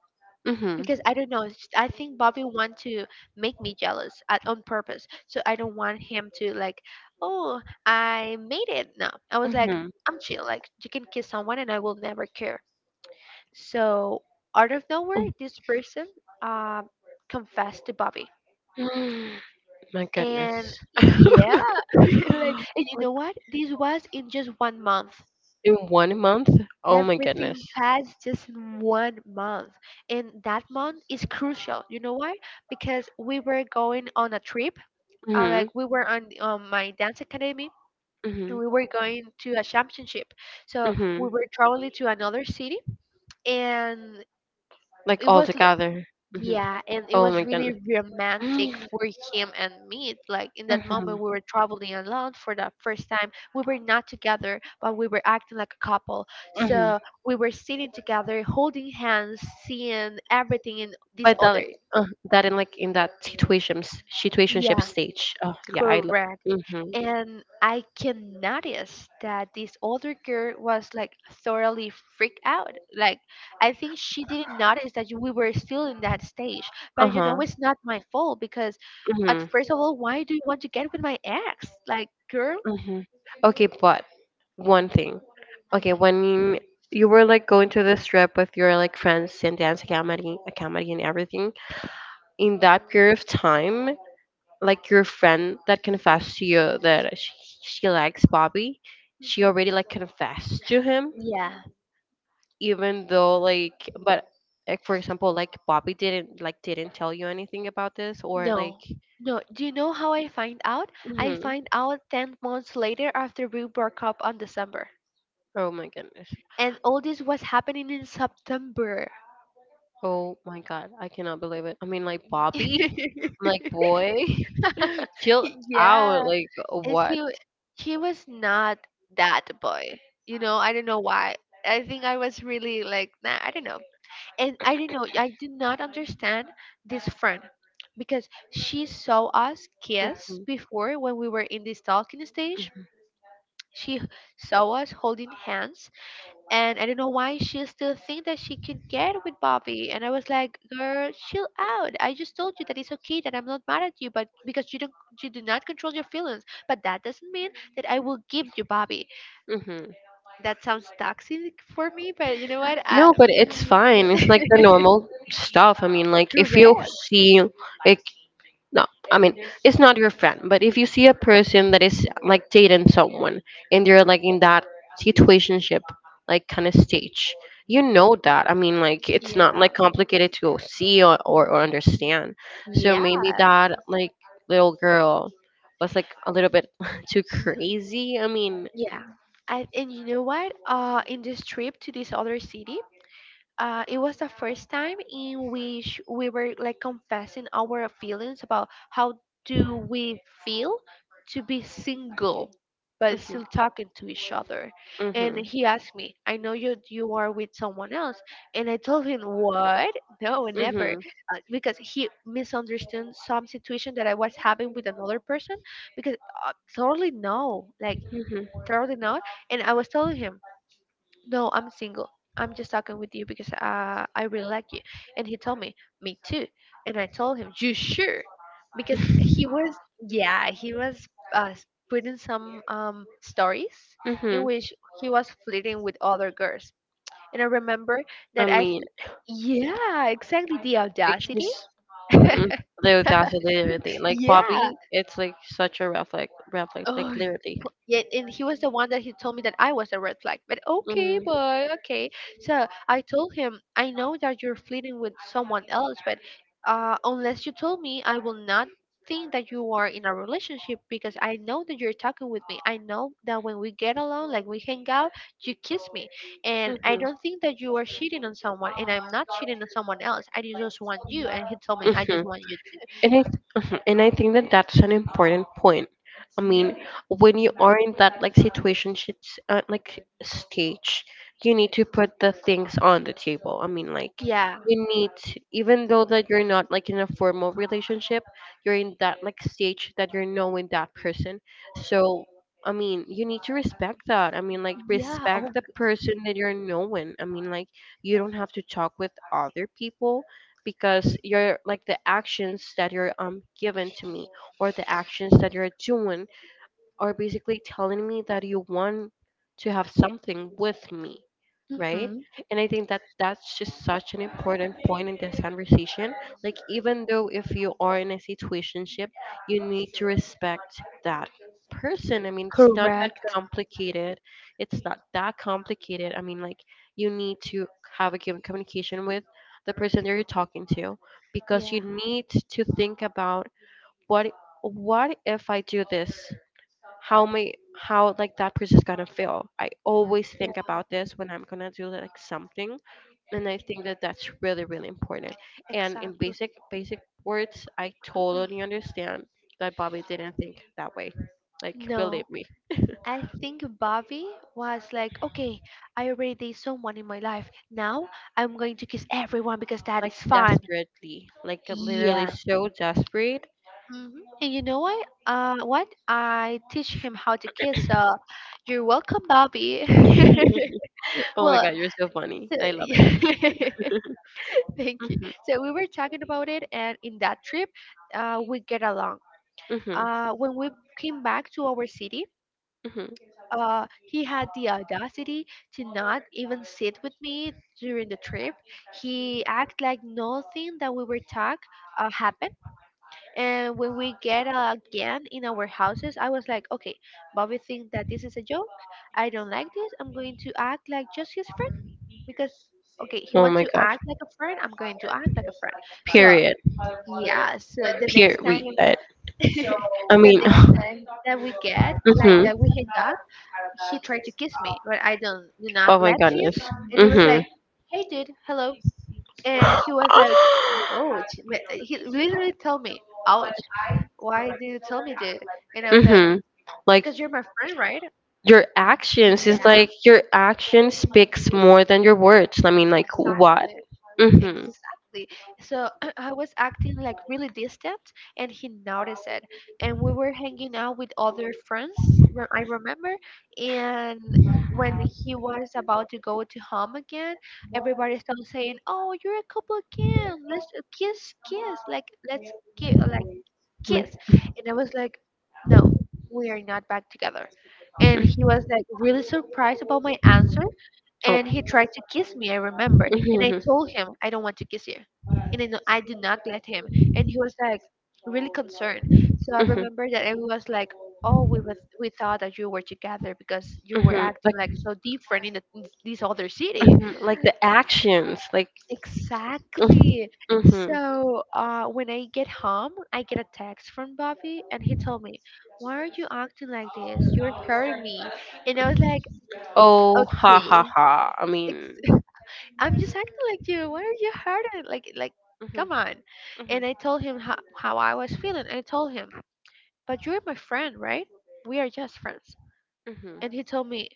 B: Mhm.
A: because I don't know. It's, just, I think Bobby want to make me jealous at, on purpose. So I don't want him to like, oh, I made it. No, I was like,
B: Mhm.
A: I'm chill. Like you can kiss someone and I will never care. So out of nowhere, this person um confessed to Bobby.
B: Mm. My
A: And
B: goodness.
A: yeah, like and you know what? This was in just one month,
B: In one month? Oh my
A: everything
B: goodness.
A: passed just in one month. And that month is crucial. You know why? Because we were going on a trip. Uh,
B: Mhm.
A: like we were on um, my dance academy and
B: Mhm.
A: we were going to a championship. So we
B: Mhm.
A: were traveling to another city and
B: Like
A: it
B: all
A: was,
B: together. Hmm.
A: yeah, and it
B: Oh my
A: was really
B: goodness. Hmm.
A: romantic for him and me. It's like in that moment, we were traveling alone for the first time. We were not together, but we were acting like a couple.
B: Hmm.
A: So we were sitting together, holding hands, seeing everything in this
B: But that
A: other.
B: like uh, that in like in that situations situationship
A: Yeah,
B: stage. Oh yeah, I. Lo-
A: correct.
B: mm-hmm.
A: And I can notice that this older girl was like thoroughly freaked out. Like I think she didn't notice that we were still in that stage.
B: Uh
A: But you know,
B: huh.
A: it's not my fault because, at
B: Mm-hmm.
A: first of all, why do you want to get with my ex? Like, girl.
B: Mm-hmm. Okay, but one thing. Okay,
A: Mhm.
B: when you were like going to this trip with your like friends and dance academy, academy and everything, in that period of time, like your friend that confessed to you that she, she likes Bobby, she
A: Mhm.
B: already like confessed to him,
A: Yeah.
B: even though like, but like for example, like Bobby didn't like didn't tell you anything about this or like,
A: No. No. Do you know how I find out? I
B: mhm.
A: find out ten months later after we broke up on December.
B: Oh my goodness,
A: And all this was happening in September.
B: oh my god, I cannot believe it. I mean like Bobby, I'm like, boy. Chill out,
A: Yeah,
B: like
A: is
B: what?
A: he he was not that boy. You know, I don't know why. I think I was really like, nah, I don't know. And I don't know, I do not understand this friend because she saw us kiss
B: Mhm,
A: before when we were in this talking stage.
B: mhm,
A: She saw us holding hands and I don't know why she still think that she can get with Bobby. And I was like, girl, chill out. I just told you that it's okay that I'm not mad at you, but because you don't you do not control your feelings. But that doesn't mean that I will give you Bobby.
B: mhm.
A: That sounds toxic for me, but you know what? I,
B: No, but it's
A: mm,
B: fine. It's like the normal stuff. I mean, like if you
A: correct.
B: see a, no, I mean, it's not your friend, but if you see a person that is like dating someone and they're like in that situationship, like kind of stage, you know that. I mean, like it's not
A: Yeah.
B: like complicated to see or, or, or understand. So
A: Yeah.
B: maybe that like little girl was like a little bit too crazy. I mean,
A: Yeah. I, and you know what? Uh, in this trip to this other city, uh, it was the first time in which we were like confessing our feelings about how do we feel to be single but
B: mhm,
A: still talking to each other. And
B: mhm,
A: he asked me, I know you you are with someone else. And I told him, what? No, never.
B: mhm.
A: Uh, because he misunderstood some situation that I was having with another person. Because uh, totally no, like
B: Mhm.
A: totally not. And I was telling him, no, I'm single. I'm just talking with you because uh, I really like you. And he told me, me too. And I told him, you sure? Because he was, yeah, he was uh, putting some um, stories in
B: Mhm.
A: which he was flirting with other girls. And I remember
B: I
A: that I,
B: mean,
A: yeah, exactly, the audacity.
B: she's mm, the audacity, literally. Like
A: Yeah.
B: Bobby, it's like such a rough, like rough, like like
A: Oh,
B: literally.
A: yeah, and he was the one that he told me that I was a red flag. But okay,
B: Mm.
A: boy, okay. So I told him, I know that you're flirting with someone else, but uh, unless you tell me, I will not think that you are in a relationship because I know that you're talking with me. I know that when we get along, like we hang out, you kiss me. And I
B: Mhm.
A: don't think that you are cheating on someone, and I'm not cheating on someone else. I just want you. And he told me, I
B: Hmm.
A: just want you. Too.
B: And I, mhm, and I think that that's an important point. I mean, when you are in that like situation, shits- uh, like stage, you need to put the things on the table. I mean, like
A: Yeah.
B: you need, to, even though that you're not like in a formal relationship, you're in that like stage that you're knowing that person. So, I mean, you need to respect that. I mean, like
A: Yeah. Oh.
B: respect the person that you're knowing. I mean, like you don't have to talk with other people, because you're like the actions that you're um given to me or the actions that you're doing are basically telling me that you want to have something with me, right?
A: Mm-hmm.
B: And I think that that's just such an important point in this conversation. Like, even though if you are in a situationship, you need to respect that person. I mean, it's not that
A: Correct.
B: complicated. It's not that complicated. I mean, like, you need to have a given communication with the person that you're talking to, because you
A: Yeah.
B: need to think about what what if I do this, how my how like that person's gonna feel. I always
A: Yeah.
B: think about this when I'm gonna do like something, and I think that that's really, really important. And in
A: Exactly.
B: basic basic words, I
A: Mm-mm.
B: totally understand that Bobby didn't think that way. Like believe
A: No.
B: me,
A: I think Bobby was like, okay, I already did someone in my life. Now I'm going to kiss everyone because that
B: like
A: is fun.
B: desperately, like literally
A: Yeah.
B: so desperate.
A: Hmm. And you know what? Uh, what I teach him how to kiss. So, you're welcome, Bobby.
B: Oh my
A: Well,
B: god, you're so funny. I love it.
A: thank you.
B: Mhm,
A: So we were talking about it, and in that trip, uh, we get along.
B: mhm,
A: Uh, when we came back to our city,
B: mhm.
A: uh, he had the audacity to not even sit with me during the trip. He act like nothing that we were talk uh, happened. And when we get, uh, again in our houses, I was like, okay, Bobby thinks that this is a joke. I don't like this. I'm going to act like just his friend because, okay, he
B: Oh
A: wants
B: my
A: to
B: god.
A: act like a friend. I'm going to act like a friend. So,
B: Period.
A: yeah, so the next
B: Period.
A: time,
B: I
A: the
B: mean,
A: next time that we get, like
B: mhm.
A: that we hang up, he tried to kiss me, but I don't, do
B: Oh
A: not
B: my
A: let him.
B: goodness.
A: And he was
B: Mhm.
A: like, hey, dude, hello. And he was like, oh, he literally told me, ouch, why do you tell me, dude? And I was like,
B: Mhm. Like
A: because you're my friend, right?
B: your actions is
A: Yeah,
B: like your action speaks more than your words. I mean, like what?
A: exactly.
B: Mhm.
A: Exactly. So I was acting like really distant and he noticed it. And we were hanging out with other friends, re- I remember. And when he was about to go to home again, everybody started saying, oh, you're a couple again. Let's uh, kiss, kiss. Like, let's kiss. Like, kiss. And I was like, no, we are not back together. And he was like really surprised about my answer.
B: Oh.
A: And he tried to kiss me, I remember. And
B: Mhm,
A: I told him, I don't want to kiss you. And I, I did not let him. And he was like really concerned. So I
B: mhm,
A: remember that I was like, oh, we, was, we thought that you were together because you were
B: mhm.
A: acting
B: Like,
A: like so different in, the, in this other city.
B: mhm, like the actions, like,
A: Exactly.
B: mm-hmm. Mm-hmm.
A: So uh, when I get home, I get a text from Bobby, and he told me, "Why are you acting like this? You're hurting me." And I was like,
B: Oh, ha ha
A: "Okay,
B: ha. I
A: ex-
B: mean,
A: I'm just acting like you. Why are you hurting? Like, like,
B: mhm,
A: come on."
B: mhm,
A: And I told him how, how I was feeling. I told him, "But you're my friend, right? We are just friends."
B: mhm,
A: And he told me,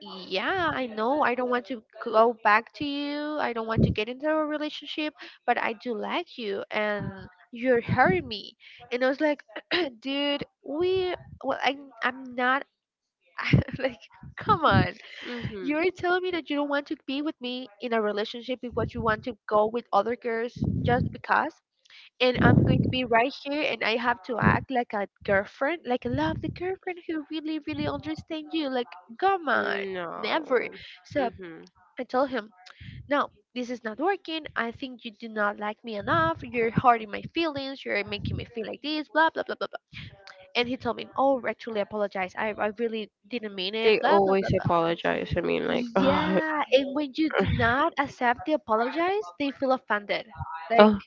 A: yeah, I know, I don't want to go back to you. I don't want to get into a relationship, but I do like you and you're hurting me. And I was like, dude, we, well, I, I'm not, like, come on.
B: mhm.
A: You're telling me that you don't want to be with me in a relationship because you want to go with other girls just because? And I'm going to be right here and I have to act like a girlfriend, like a lovely girlfriend who really, really understands you. Like, come on,
B: No.
A: never. So
B: Mhm.
A: I told him, no, this is not working. I think you do not like me enough. You're hurting my feelings. You're making me feel like this, blah, blah, blah, blah, blah. And he told me, oh, actually, I apologize. I, I really didn't mean it,
B: They
A: blah, blah, blah,
B: always
A: blah.
B: apologize. I mean, like, oh,
A: Yeah. And when you do not accept the apologize, they feel offended. Like,
B: oh,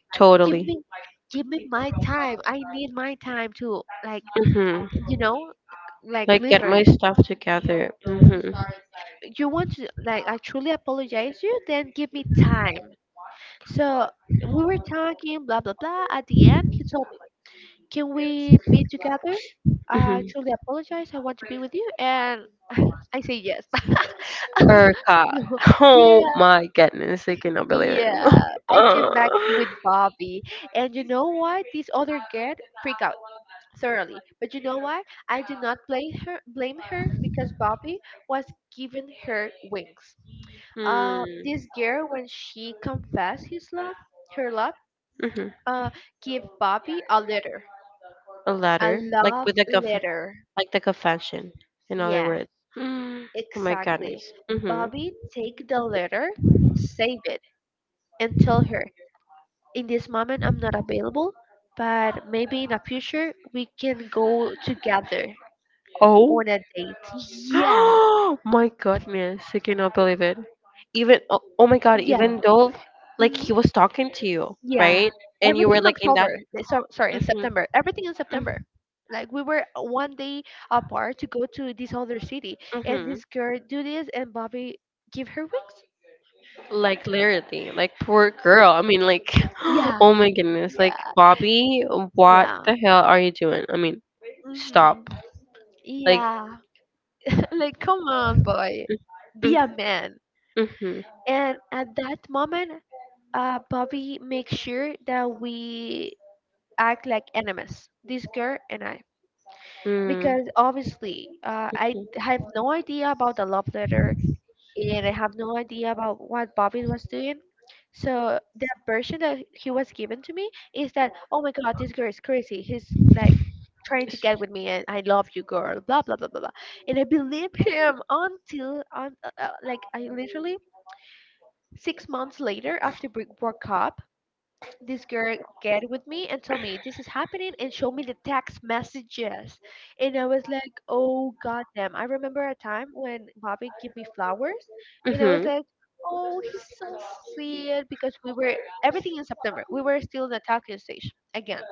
A: give
B: totally.
A: me, give me my time, I need my time to, like,
B: Mhm.
A: you know, like
B: Like get my
A: literally,
B: stuff together. Hmm.
A: mhm. You want to like, I truly apologize, you then give me time. So we were talking blah blah blah. At the end he told me, can we be together? I
B: Hmm.
A: truly apologize, I want to be with you. And I say yes.
B: Erica.
A: No.
B: Oh
A: Yeah,
B: my goodness, I cannot believe it.
A: yeah, I
B: Uh.
A: came back with Bobby. And you know what? This other girl freak out thoroughly. But you know why? I do not blame her, blame her, because Bobby was giving her wings. Uh,
B: Hmm.
A: this girl, when she confessed his love, her love,
B: Mhm.
A: uh, give Bobby a letter,
B: A
A: a
B: letter, like
A: love
B: with like a conf-
A: letter.
B: like the confession, in other
A: Yeah,
B: words. Oh my
A: exactly.
B: goodness. Hmm.
A: Bobby, take the letter, save it, and tell her, in this moment I'm not available, but maybe in the future we can go together
B: Oh.
A: on a date. Yeah,
B: Oh my goodness, I cannot believe it. Even oh, oh my god,
A: yeah.
B: even though like
A: Hmm.
B: he was talking to you,
A: Yeah,
B: right? And you
A: everything
B: were
A: in
B: like in
A: October.
B: that
A: eh, So, sorry, in
B: mhm.
A: September. Everything in September.
B: Mm,
A: Like we were one day apart to go to this other city, and
B: mhm.
A: this girl do this, and Bobby give her wings.
B: Like literally, like poor girl. I mean like
A: Yeah,
B: oh my goodness, like
A: yeah,
B: Bobby, what
A: yeah.
B: the hell are you doing? I mean,
A: Hmm.
B: stop. Like
A: Yeah. Like, come on, boy,
B: mm, mm,
A: be a man.
B: mhm.
A: And at that moment, uh, Bobby makes sure that we act like enemies. This girl and I.
B: Mm,
A: Because obviously uh, I d- have no idea about the love letter, and I have no idea about what Bobby was doing. So the version that he was given to me is that, oh my God, this girl is crazy. He's like trying to get with me, and I love you, girl, blah, blah, blah, blah, blah. And I believe him until, on uh, uh, like, I literally six months later after we broke up, this girl get with me and tell me this is happening, and show me the text messages. And I was like, oh god damn, I remember a time when Bobby gave me flowers.
B: mm,
A: And I was
B: mhm.
A: like, oh, he's so sweet, because we were, everything in September we were still in the talking stage again.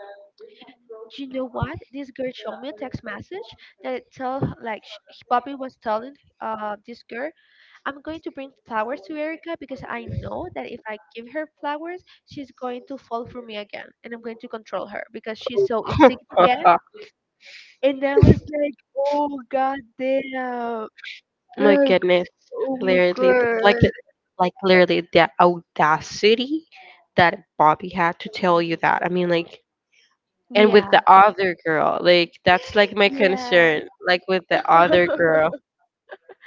A: Do you know what? This girl showed me a text message that it tell, like sh- Bobby was telling uh this girl, I'm going to bring flowers to Erica because I know that if I give her flowers, she's going to fall for me again. And I'm going to control her because she's so easy to get. And I was like, oh, god damn.
B: My
A: Like,
B: goodness,
A: oh my
B: literally, th- like the,
A: god.
B: like literally the audacity that Bobby had to tell you that. I mean, like, and with
A: Yeah.
B: the other girl, like that's like my
A: Yeah.
B: concern, like with the other girl.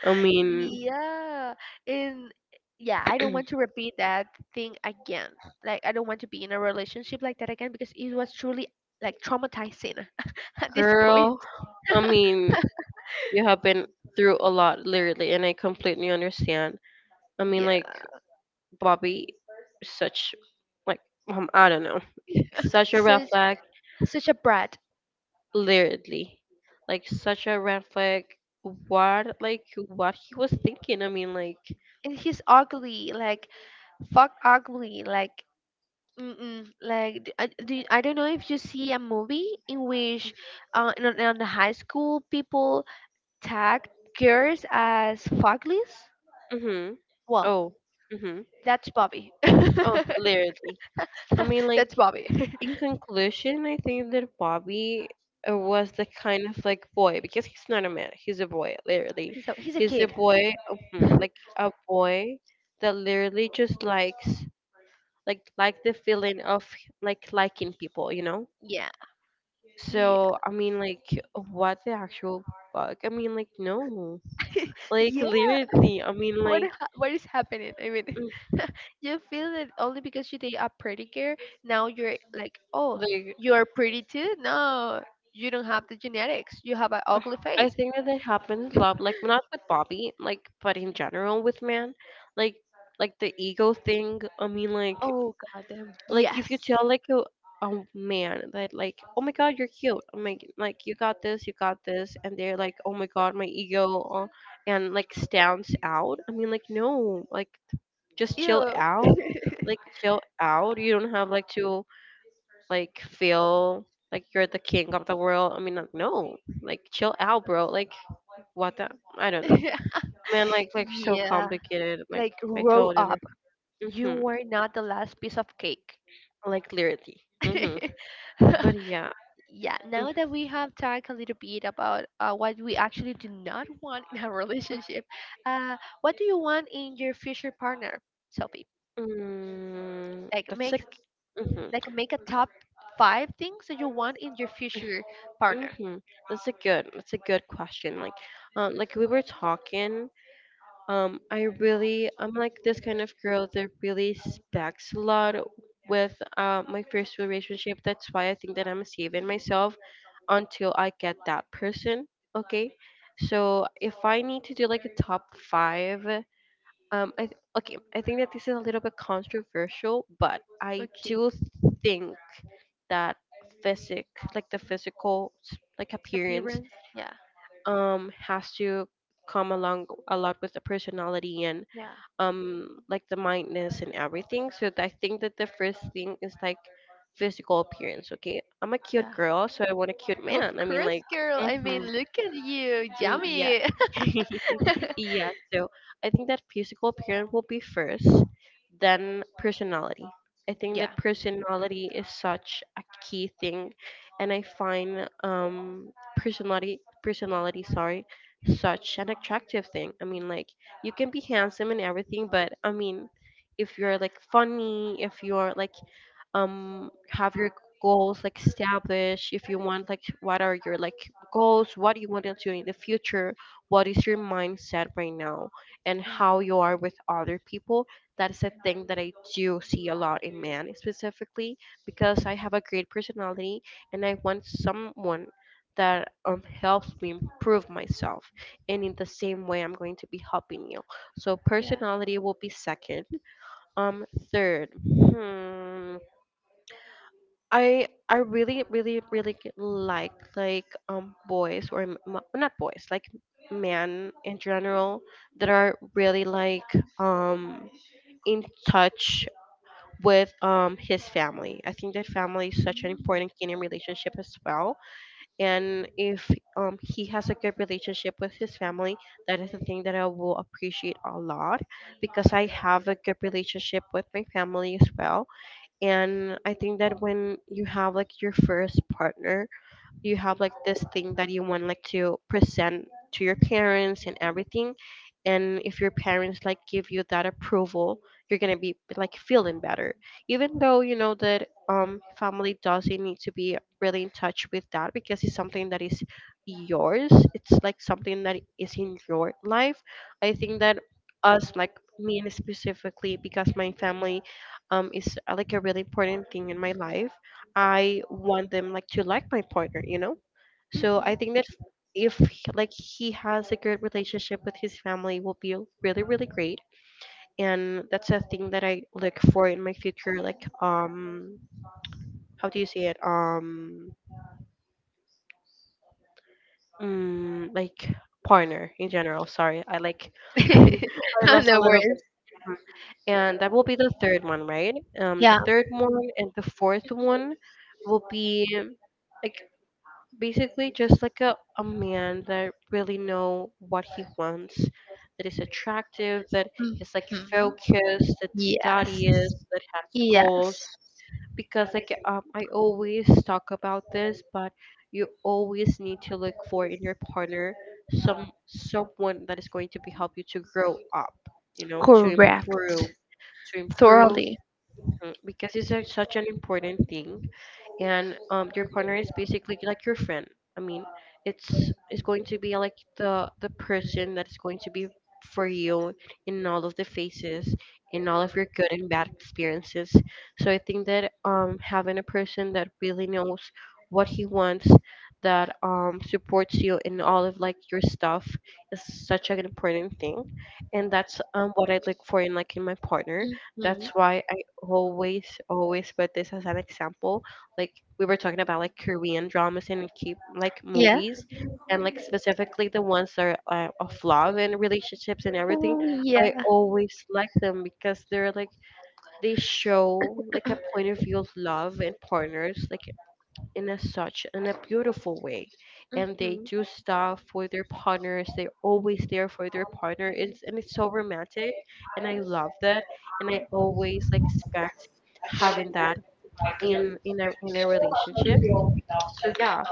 B: I mean,
A: Yeah. And yeah, I don't want to repeat that thing again. Like, I don't want to be in a relationship like that again, because it was truly like traumatizing at this
B: girl,
A: point.
B: I mean, you have been through a lot, literally, and I completely understand. I mean,
A: Yeah.
B: like Bobby, such like um, I don't know, such a red
A: such
B: flag,
A: Such a brat.
B: literally. Like such a red flag. What like what he was thinking? I mean, like,
A: And he's ugly, like fuck ugly, like, mm-mm, like d- I, do, I don't know if you see a movie in which uh, in, on the high school people tag girls as fucklies.
B: mm-hmm.
A: Well,
B: Oh, mm-hmm.
A: that's Bobby.
B: Oh, literally. I mean, like,
A: That's Bobby.
B: in conclusion, I think that Bobby uh, was the kind of like boy because he's not a man. He's a boy, literally.
A: So he's a
B: He's a
A: kid.
B: boy, mhm, like a boy that literally just likes like like the feeling of like liking people, you know.
A: Yeah, yeah,
B: So I mean, like, what the actual fuck? I mean, like, no. Like
A: yeah.
B: lyrically, I mean,
A: What
B: like,
A: ha- what is happening? I mean,
B: mm,
A: you feel that only because you did a pretty girl, now you're like, oh,
B: like
A: you are pretty too. No, you don't have the genetics. You have an ugly
B: I
A: face.
B: think that it happens a lot. Like not with Bobby, like, but in general with man, like, like the ego thing. I mean, like,
A: Oh goddamn!
B: like if you
A: Yes.
B: tell like a, a man that like, oh my god, you're cute. I'm like, like you got this, you got this, and they're like, oh my god, my ego, uh, and like stands out. I mean, like no, like just chill
A: Ew.
B: out, like chill out. You don't have like to, like, feel like you're the king of the world. I mean, like, no, like chill out, bro. Like, what the? I don't know, man. Like, like so
A: Yeah.
B: complicated. Like,
A: Like
B: I
A: grow
B: told you,
A: up. You
B: mm-hmm,
A: were not the last piece of cake.
B: like lyrically. Mm-hmm. But yeah,
A: Yeah,
B: mm,
A: now that we have talked a little bit about uh, what we actually do not want in a relationship, uh, what do you want in your future partner, Sophie?
B: mm,
A: Like
B: that's
A: make
B: like. Mm-hmm.
A: like make a top five things that you want in your future partner.
B: Mm-hmm. That's a good that's a good question. Like um like we were talking, um I really I'm like this kind of girl that really specs a lot with uh, my first relationship. That's why I think that I'm saving myself until I get that person. Okay. So if I need to do like a top five, um, I th- okay, I think that this is a little bit controversial, but I
A: Okay,
B: do think that physic, like the physical, s- like appearance,
A: appearance. Yeah,
B: um, has to come along a lot with the personality and
A: yeah,
B: um like the mindness and everything. So I think that the first thing is like physical appearance. Okay, I'm a cute
A: yeah.
B: girl, so I want a cute
A: Of
B: man. I mean,
A: course,
B: like,
A: girl. I
B: mm-hmm,
A: mean, look at you,
B: mm, yeah,
A: yummy.
B: yeah. So I think that physical appearance will be first, then personality. I think
A: Yeah.
B: that personality is such a key thing, and I find um personality personality sorry such an attractive thing. I mean, like you can be handsome and everything, but I mean, if you're like funny, if you're like um have your goals like established, if you want like what are your like goals, what do you want to do in the future, what is your mindset right now, and
A: Yeah.
B: how you are with other people, that is a thing that I do see a lot in men specifically, because I have a great personality, and I want someone that um, helps me improve myself, and in the same way I'm going to be helping you, so
A: Yeah.
B: personality will be second. um Third. hmm I I really really really g- like like um boys, or m- m- not boys, like men in general, that are really like um in touch with um his family. I think that family is such an
A: Mm.
B: important key in relationship as well. And if um he has a good relationship with his family, that is the thing that I will appreciate a lot, because I have a good relationship with my family as well. And I think that when you have like your first partner, you have like this thing that you want like to present to your parents and everything, and if your parents like give you that approval, you're gonna be like feeling better, even though you know that um family doesn't need to be really in touch with that, because it's something that is yours, it's like something that is in your life. I think that us, like me, and specifically because my family um is uh, like a really important thing in my life, I want them like to like my partner, you know? So I
A: Mhm.
B: think that if he- like he has a good relationship with his family will be really really great, and that's a thing that I look for in my future, like, um how do you say it, um mm, like partner in general, sorry, I like I lost a
A: No
B: little bit.
A: worries.
B: And that will be the third one, right? Um the
A: Yeah.
B: third one and the fourth one will be like, basically just like a, a man that really know what he wants, that is attractive, that is like
A: Mhm.
B: focused, that
A: Yes.
B: studies, that has goals,
A: Yes.
B: because like um, I always talk about this, but you always need to look for in your partner some someone that is going to be help you to grow up you know to improve
A: Correct.
B: to improve
A: Thoroughly.
B: mm, because it's a, such an important thing. And um, your partner is basically like your friend. I mean, it's it's going to be like the the person that is going to be for you in all of the phases, in all of your good and bad experiences. So I think that um, having a person that really knows what he wants, that um, supports you in all of like your stuff, is such an important thing, and that's um, what I look for in like in my partner. That's why I
A: Hmm.
B: always always put this as an example, like we were talking about, like Korean dramas and keep like
A: Yeah.
B: movies, and like specifically the ones that are uh, of love and relationships and everything.
A: Oh,
B: I
A: yeah.
B: always like them because they're like, they show like a point of view of love and partners, like in a such in a beautiful way, and they
A: Hmm.
B: do stuff for their partners, they're always there for their partner it's, and it's so romantic, and I love that. And I always like expect having that in in a in a relationship, so yeah,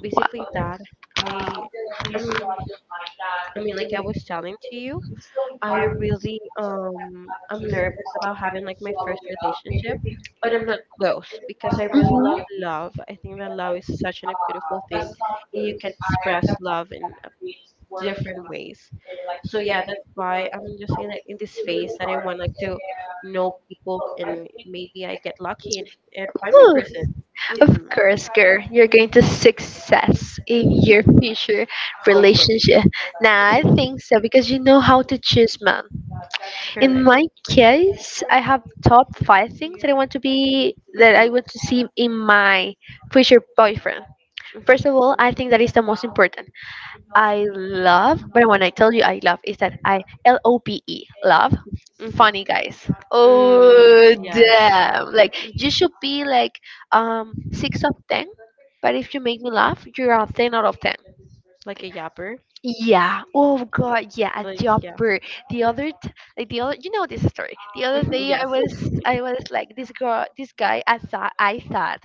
B: basically
A: Wow.
B: that. I um I mean, like, I was telling to you, I really um I'm nervous about having like my first relationship, but I'm not close because I really love love. I think that love is such an, a beautiful thing. And you can express love in uh, different ways. So yeah, that's why I'm just in a, in this phase that I want like to know people, and maybe I get lucky, and, and find my
A: Hmm.
B: person.
A: Of
B: Hmm.
A: course, girl, you're going to success in your future
B: Hopefully.
A: relationship. Now I
B: Mhm.
A: think so, because you know how to choose, man. In
B: Correct.
A: my case, I have top five things that I want to be, that I
B: Mhm.
A: want to see in my future boyfriend. First
B: Mhm.
A: of all, I think that is the most important. I love, but when I tell you I love, is that I L O P E love
B: Mhm.
A: funny guys.
B: Mm,
A: Oh
B: yes.
A: damn! Like you
B: Mhm.
A: should be like um six of ten, but if you make me laugh, you're a ten out of ten.
B: Like a yapper.
A: Yeah. Oh god. Yeah. A
B: Like, yeah.
A: jumper. The other, t- like the other, you know this story. The other
B: Mm-hmm.
A: day, I
B: Yes.
A: was, I was like this girl, this guy. I thought, I thought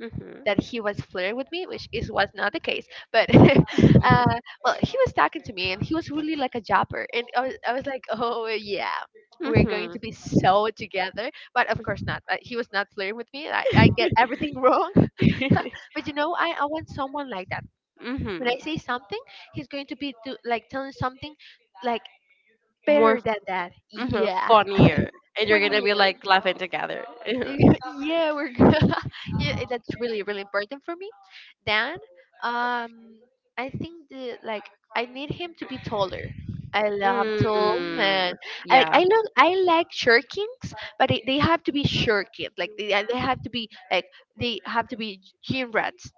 B: Mhm.
A: that he was flirting with me, which is was not the case. But uh,
B: Mhm.
A: well, he was talking to me, and he was really like a jobber, and I was, I was like, oh yeah, we're going to
B: Mhm.
A: be so together. But of course not. Uh, he was not flirting with me. I, I get everything wrong. But you know, I, I want someone like that. When I
B: Mhm.
A: say something, he's going to be do, like telling something like
B: More,
A: better than that.
B: mhm,
A: Yeah,
B: funnier, and you're
A: one
B: gonna be
A: year.
B: like laughing together.
A: Yeah, we're good. Yeah, eh, that's really really important for me. Then, um, I think the like I need him to be taller. I love
B: Mhm.
A: tall
B: Mm,
A: men. I like
B: yeah.
A: I look I like short kings, but they, they have to be short kings. Like they, they have to be like they have to be gym rats.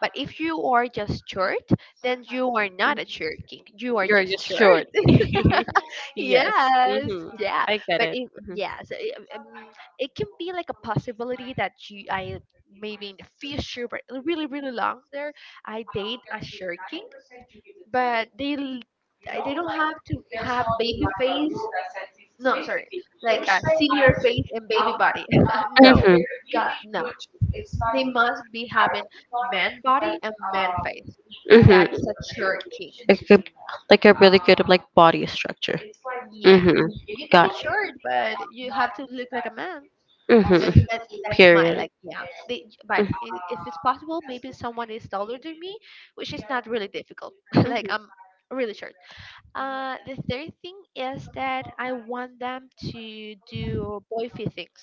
A: But if you are just short, then you are not a
B: Mhm.
A: short king. You are
B: You're
A: just
B: just
A: short.
B: short. Yes.
A: Yes,
B: Hmm.
A: yeah,
B: I get
A: but
B: it.
A: it,
B: Hmm.
A: yes, it, um, it can be like a possibility that you, I maybe in the future, but really, really long there, I date a short king. but they l- they don't have to have baby face. No, sorry, like a senior face and baby body. No,
B: Hmm.
A: that, no, they must be having man body and man face.
B: Hmm.
A: That's a short king.
B: Like a, like a really good like body structure.
A: Yeah,
B: Hmm.
A: you can be
B: Got
A: short, but you have to look like a man.
B: it.
A: that
B: Hmm.
A: that that's my
B: Period.
A: like, yeah, they, but I if it's possible, maybe someone is taller than me, which is not really difficult. Like
B: Mm-hmm.
A: I'm really short. Uh the third thing is that I want them to do boyfriend things.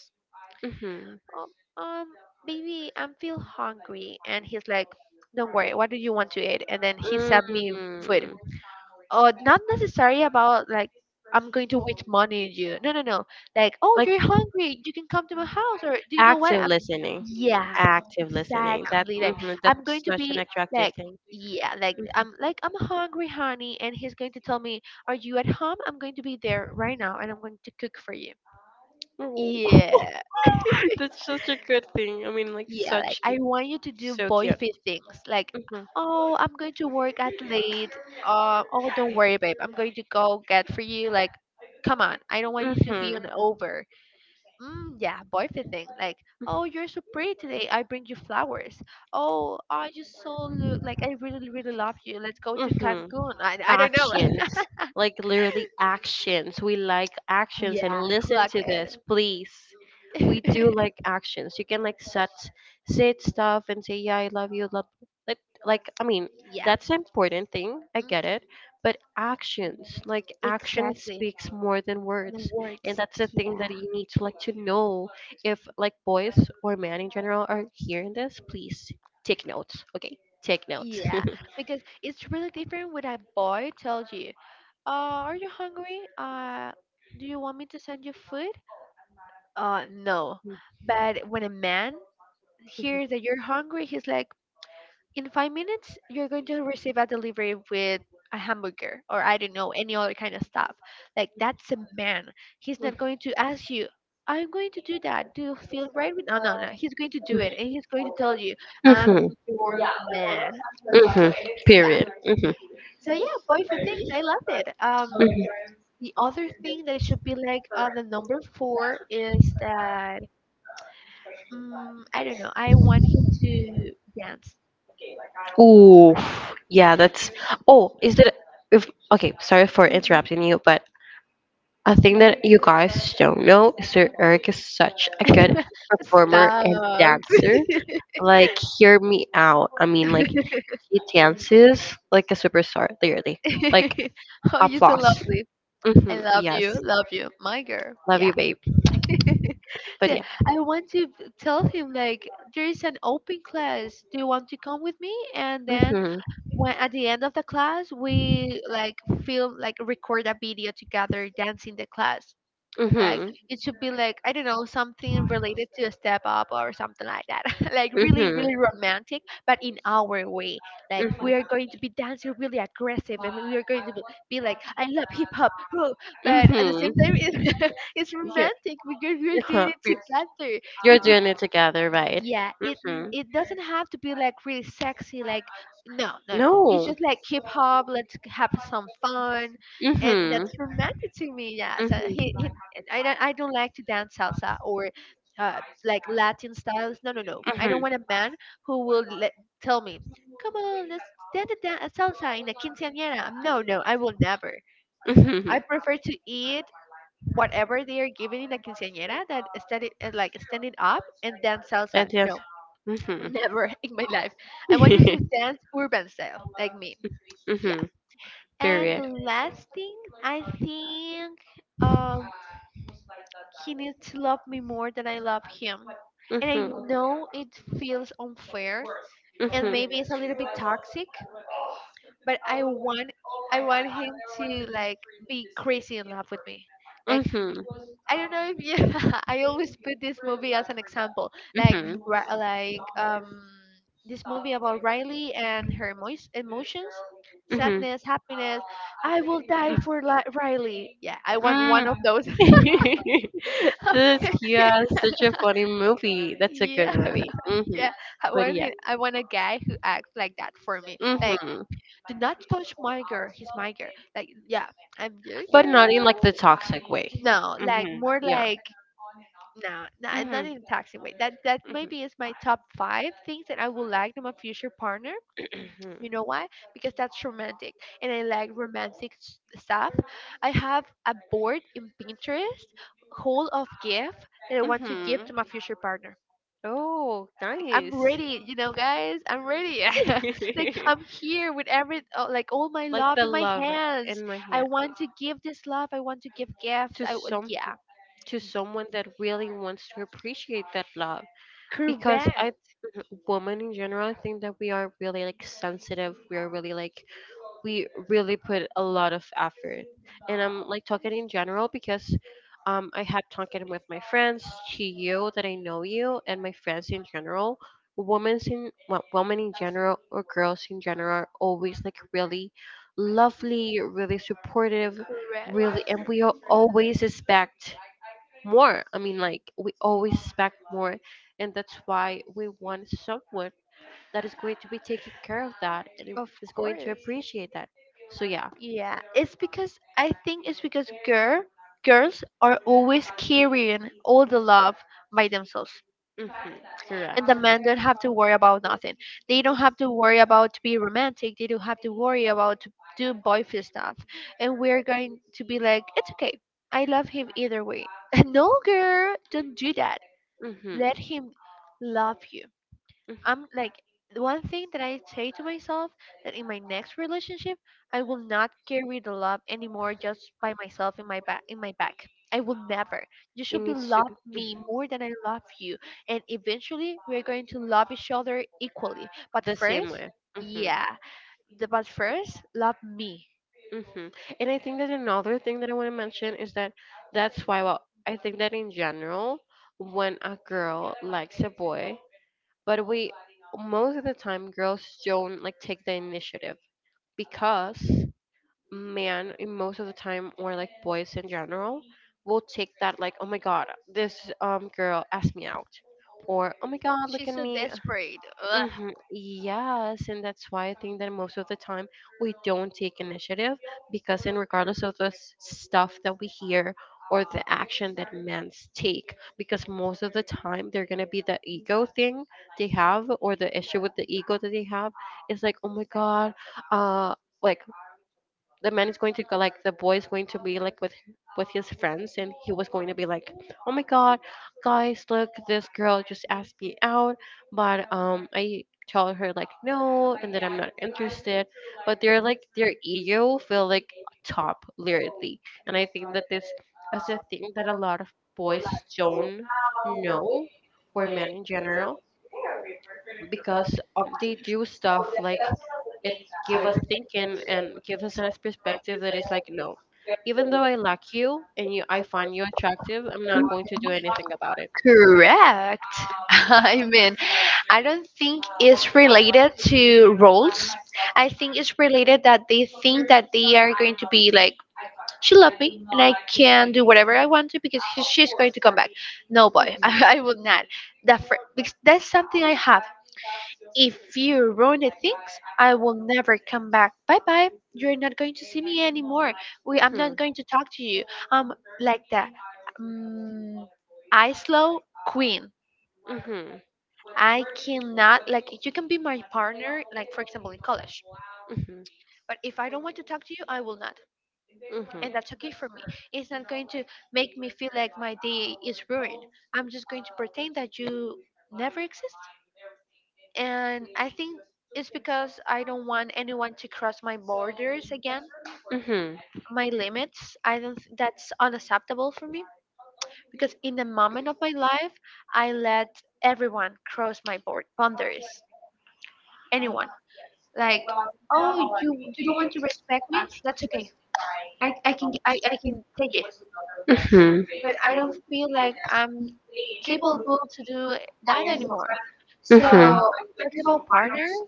B: Hmm.
A: um, um Baby, I'm feel hungry, and he's like, don't worry, what do you want to eat? And then he sent me food.
B: Mm.
A: Or not necessary about like, I'm going to wait money you. No, no, no. Like, oh,
B: Like
A: you're hungry. You can come to my house, or do you know what?
B: active
A: I'm.
B: listening.
A: Yeah,
B: Active listening. That
A: exactly. Like,
B: hmm
A: I'm
B: that's
A: going to
B: such an
A: be
B: attractive
A: like,
B: thing.
A: yeah, like
B: Mm-hmm.
A: I'm like I'm hungry, honey, and he's going to tell me, "Are you at home? I'm going to be there right now, and I'm going to cook for you."
B: Oh,
A: Yeah.
B: that's such a good thing. I mean, like,
A: Yeah, like
B: such
A: I
B: cute.
A: want you to do
B: So
A: boy
B: cute.
A: fit things. Like,
B: Mm-hmm.
A: oh, I'm going to work at late. Uh, oh, don't worry, babe. I'm going to go get for you. Like, come on. I don't want you to be
B: Mm-hmm.
A: on over. Mm, yeah, boy fit thing. Like, oh, you're so pretty today. I bring you flowers. Oh, I just so look like I really, really love you. Let's go to
B: Mm-hmm.
A: Cancun. I, I don't know.
B: Actions, like literally actions, we like actions, and
A: Yeah,
B: listen
A: clock
B: to
A: it.
B: this please. We do like actions, you can like set sit stuff and say yeah I love you love, like like I mean,
A: Yeah,
B: that's an important thing, I get
A: mm,
B: it. But actions, like, action
A: exactly.
B: speaks more than words,
A: The
B: and
A: words.
B: that's the thing that
A: Yeah.
B: you need to like to know. If like boys or men in general are hearing this, please take notes, okay? Take notes.
A: Yeah, because it's really different when a boy tells you, uh, "Are you hungry? Uh, do you want me to send you food?" Uh, no. But when a man hears that you're hungry, he's like, "In five minutes, you're going to receive a delivery with a hamburger or I don't know any other kind of stuff." Like that's a man. He's not
B: Mhm.
A: going to ask you. I'm going to do that. Do you feel right with? No, no, no. He's going to do it, and he's going to tell you,
B: Mhm.
A: "I'm
B: Mhm.
A: your man." Hmm.
B: Mhm.
A: Yeah.
B: Period. Mhm.
A: So yeah, Boys with Things, I love it. Um,
B: Mhm.
A: the other thing that should be like uh, the number four is that um, I don't know. I want him to dance.
B: Ooh, yeah, that's. Oh, is that if? Okay, sorry for
A: Hmm.
B: interrupting you, but a thing that you guys don't know is that Eric is such a good performer and
A: Stop.
B: dancer. Like, hear me out. I mean, like he dances like a superstar, literally. Like,
A: Oh, you're so
B: applause.
A: lovely. I
B: Mm-hmm,
A: love
B: yes.
A: you, love you, my girl.
B: Love
A: Yeah.
B: you, babe. But
A: So
B: yeah.
A: I want to b- tell him like, there is an open class. Do you want to come with me? And then
B: Mhm.
A: when at the end of the class we like film, like record a video together dancing the class, like
B: Mhm.
A: it should be like, I don't know, something related to a step up or something like that. Like really
B: Mhm.
A: really romantic, but in our way, like we
B: Mhm.
A: are going to be dancing really aggressive, and we are going to be, be like, I love hip hop, whoa," but at the
B: Mhm.
A: same time it's, it's
B: Yeah.
A: romantic because we are doing
B: Huh?
A: it
B: You're
A: together.
B: you're
A: It, it
B: doing it together, right?
A: yeah, it mm,
B: Mhm.
A: it doesn't have to be like really sexy. Like no, no, no. It's
B: No.
A: just like hip hop. Let's have some fun, and
B: Mhm.
A: that's romantic to me. Yeah, so he, he
B: Mhm.
A: I don't I don't like to dance salsa or uh like Latin styles. No, no, no. I don't
B: Mhm.
A: want a man who will let, tell me, come on, let's dance a dan- a salsa in a quinceañera. No, no, I will never.
B: Mhm.
A: I prefer to eat whatever they are giving in a quinceañera that standing eh, like standing up and dance salsa.
B: That's yes.
A: No.
B: Mhm.
A: Never in my life. I want you to dance urban style, like me. Yeah.
B: Mhm.
A: And the
B: Period.
A: last thing, I think um, he needs to love me more than I love him. And I
B: Mhm.
A: know it feels unfair and
B: Mhm.
A: maybe it's a little bit toxic, but I want I want him to like be crazy in love with me. Like
B: Mhm.
A: I don't know if you. I always put this movie as an example, like
B: Mhm.
A: ri- like um this movie about Riley and her emo- emotions,
B: Mhm.
A: sadness, happiness. I will die for li- Riley. Yeah, I want one
B: Mm.
A: of those.
B: this Yeah, such a funny movie. That's a good
A: Yeah,
B: movie. Mhm.
A: yeah. I
B: But
A: want
B: yeah.
A: him, I want a guy who acts like that for me. Like,
B: Mhm.
A: do not touch my girl. He's my girl. Like, yeah, I'm your
B: But not in like the
A: girl.
B: toxic way.
A: No, like
B: Mhm.
A: more
B: Yeah.
A: like, no, no, I'm
B: Mhm.
A: not in a toxic way. That that maybe is my top five things that I would like in my future partner.
B: Mhm.
A: You know why? Because that's romantic, and I like romantic s- stuff. I have a board in Pinterest, whole of gift that I want to give
B: Mhm.
A: to my future partner.
B: Oh,
A: I'm
B: nice.
A: ready, you know, guys. I'm ready. Like I'm here with every uh, like all my
B: Like
A: love
B: the
A: in my
B: love
A: hands.
B: in my
A: I
B: hand
A: want to give this love. I want to give gift.
B: to
A: I would,
B: some
A: yeah.
B: to someone that really wants to appreciate that love, because I
A: Correct.
B: women in general, I think that we are really like sensitive, we are really like we really put a lot of effort. And I'm like talking in general, because um, I have talking with my friends, to you that I know you, and my friends in general. Women in wo- women in general, or girls in general, are always like really lovely, really supportive,
A: Correct.
B: really, and we al- always expect more. I mean, like we always expect more, and that's why we want someone that is going to be taking care of that, and it
A: Of
B: is going to
A: course.
B: appreciate that. So yeah.
A: Yeah, it's because I think it's because girl girls are always carrying all the love by themselves,
B: hmm
A: and the
B: Correct.
A: men don't have to worry about nothing. They don't have to worry about to be romantic. They don't have to worry about to do boyfriend stuff. And we're going to be like, it's okay. I love him either way. No, girl, don't do that.
B: Hmm.
A: Let him love you. I'm like the one thing that I say to myself that in my next relationship I will not carry the love anymore just by myself in my back in my back. I will never. You
B: It
A: should be
B: needs to
A: love
B: be
A: me more than I love you. And eventually we're going to love each other equally. But
B: the same
A: first,
B: way. hmm
A: yeah. The, but first, love me.
B: hmm And I think that another thing that I want to mention is that that's why, well, I think that in general, when a girl likes a boy, but we, most of the time girls don't like take the initiative, because men, in most of the time, or like boys in general, will take that like, oh my god, this um girl asked me out, or oh my god, look
A: She's
B: at
A: so
B: me.
A: desperate. Ugh.
B: Hmm yes, and that's why I think that most of the time we don't take initiative, because in regardless of the s- stuff that we hear or the action that men take, because most of the time they're going to be the ego thing they have, or the issue with the ego that they have. It's like, oh my god, uh like, the man is going to go like, the boy is going to be like, with with his friends, and he was going to be like, oh my god, guys, look, this girl just asked me out, but um I tell her like, no, and that I'm not interested. But they're like, their ego feel like top, literally. And I think that this is a thing that a lot of boys don't know, or men in general, because um, they do stuff like it give us thinking and give us a nice perspective that is like, no, even though I like you and you, I find you attractive, I'm not going to do anything about it.
A: Correct.
B: Mhm.
A: I mean, I don't think it's related to roles. I think it's related that they think that they are going to be like, she loved me and I can do whatever I want to because she- she's going to come back. No, boy, I, I will not. That fr- because that's something I have. If you ruin the things, I will never come back. Bye bye. You're not going to see me anymore. We, I'm not
B: Mhm.
A: going to talk to you. Um, like that. Mm, I slow queen.
B: Mhm. Mhm.
A: I cannot, like, you can be my partner like for example in college.
B: Mhm.
A: But if I don't want to talk to you, I will not.
B: Mhm.
A: And that's okay for me. It's not going to make me feel like my day is ruined. I'm just going to pretend that you never exist. And I think it's because I don't want anyone to cross my borders again,
B: Mhm.
A: my limits. I don't th- That's unacceptable for me because in the moment of my life, I let everyone cross my board boundaries. Anyone, like, oh, you you don't want to respect me, that's okay. I, I can I, I can take it,
B: Mhm.
A: but I don't feel like I'm capable to do that anymore. So, talking about partners,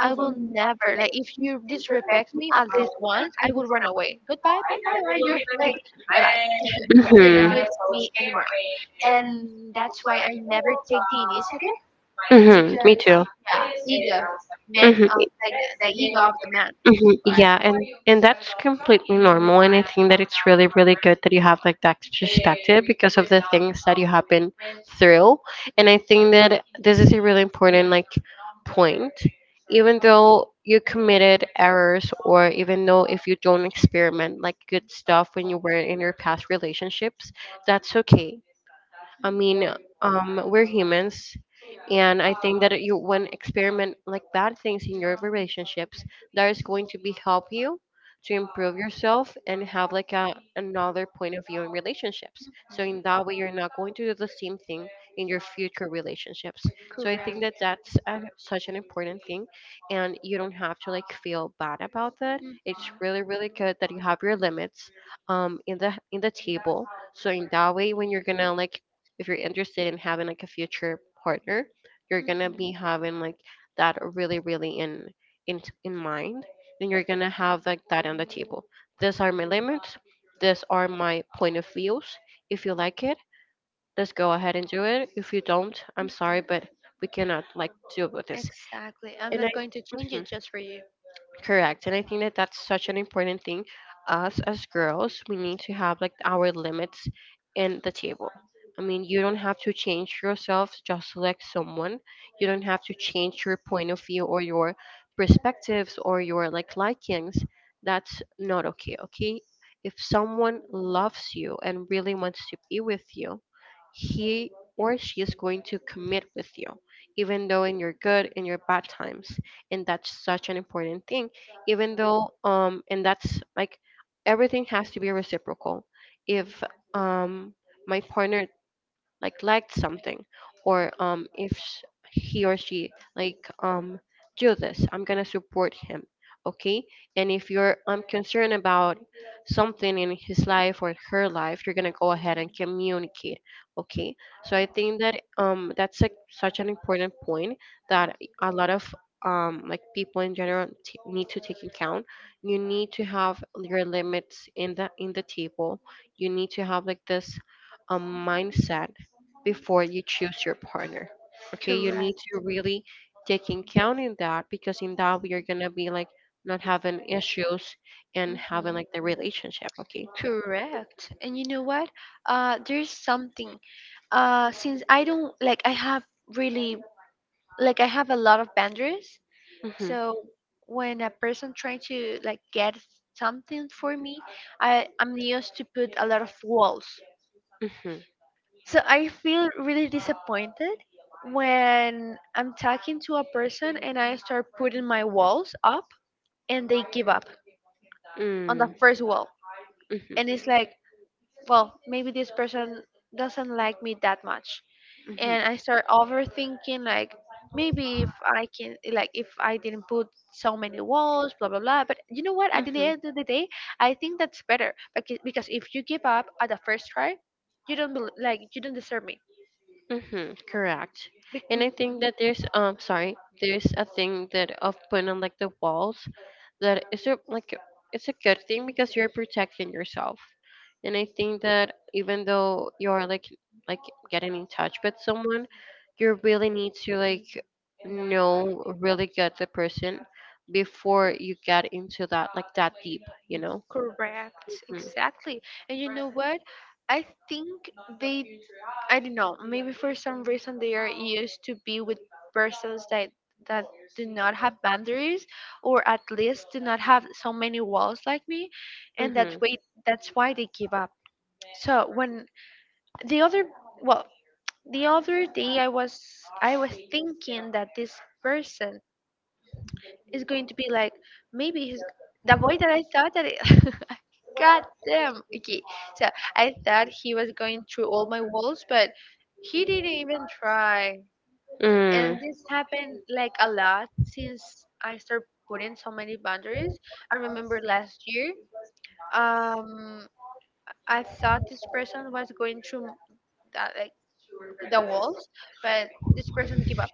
A: I will never, like, if you disrespect me at least once I will run away. Goodbye. Bye bye bye. You're like, bye bye, you're not
B: Mhm.
A: going to see me anymore. And that's why I never take the initiative,
B: Mhm. Me
A: because,
B: too.
A: yeah, ego man
B: Mhm.
A: of, like, the ego of the man is.
B: Mhm, yeah, and and that's completely normal, and I think that it's really really good that you have like that perspective because of the things that you have been through, and I think that this is a really important like point. Even though you committed errors, or even though if you don't experiment like good stuff when you were in your past relationships, that's okay. I mean, um, we're humans, and I think that you, when experiment like bad things in your relationships, that is going to be help you to improve yourself and have like a, another point of view in relationships, so in that way you're not going to do the same thing in your future relationships. So I think
A: Correct.
B: that that's a, such an important thing, and you don't have to like feel bad about that.
A: Mhm.
B: It's really really good that you have your limits, um in the in the table. So in that way when you're gonna like, if you're interested in having like a future partner, you're
A: Mhm.
B: gonna
A: Mhm.
B: be having like that really really in in in mind, and you're gonna have like that on the table. These are my limits, these are my point of views. If you like it, let's go ahead and do it. If you don't, I'm sorry, but we cannot like deal with this.
A: Exactly. I'm
B: And I
A: not going to change it just for you.
B: Correct. And I think that that's such an important thing. Us as girls, we need to have like our limits in the table. I mean, you don't have to change yourself just to like someone. You don't have to change your point of view or your perspectives or your like likings. That's not okay, okay? If someone loves you and really wants to be with you, he or she is going to commit with you, even though in your good and your bad times. And that's such an important thing, even though, um, and that's like, everything has to be reciprocal. If um, my partner like liked something, or um if sh- he or she like um do this, I'm gonna support him, okay? And if you're, I'm concerned about something in his life or her life, you're gonna go ahead and communicate, okay? So I think that um that's like such an important point, that a lot of um like people in general t- need to take account. You need to have your limits in the in the table. You need to have like this, a mindset, before you choose your partner. Okay, you need
A: Correct.
B: to really take in count in that, because in that we are gonna be like not having issues and having
A: Mhm.
B: like the relationship. Okay.
A: Correct. And you know what? Uh, there's something. Uh, since I don't like, I have really, like, I have a lot of boundaries.
B: Mhm.
A: So when a person trying to like get something for me, I I'm used to put a lot of walls.
B: Mhm.
A: So I feel really disappointed when I'm talking to a person and I start putting my walls up and they give up on the
B: Mm.
A: first wall. And
B: Mhm.
A: it's like, well, maybe this person doesn't like me that much. And I start overthinking, like, maybe if I can, like, if I didn't put so many walls, blah blah blah, but you know what, at the
B: Mhm.
A: end of the day I think that's better, because because if you give up at the first try you don't bel- like you don't deserve me.
B: Mm-hmm, correct.
A: Be-
B: And I think
A: Mhm.
B: that there's um sorry, there's a thing that of putting on like the walls, that is a, like, it's a good thing because you're protecting yourself. And I think that even though you're like like getting in touch with someone, you really need to like know really good the person before you get into that like that deep, you know?
A: Correct,
B: Mm-hmm.
A: exactly. And you know what? I think they, I don't know, maybe for some reason they are used to be with persons that that do not have boundaries or at least do not have so many walls like me, and that
B: Mm-hmm.
A: way that's why they give up. So when the other, well, the other day I was I was thinking that this person it's going to be like, maybe his the boy that I thought that it, God damn. Okay, so I thought he was going through all my walls, but he didn't even try. And this happened like a lot since I started putting so many boundaries. I remember last year, um, I thought this person was going through that like the walls, but this person gave up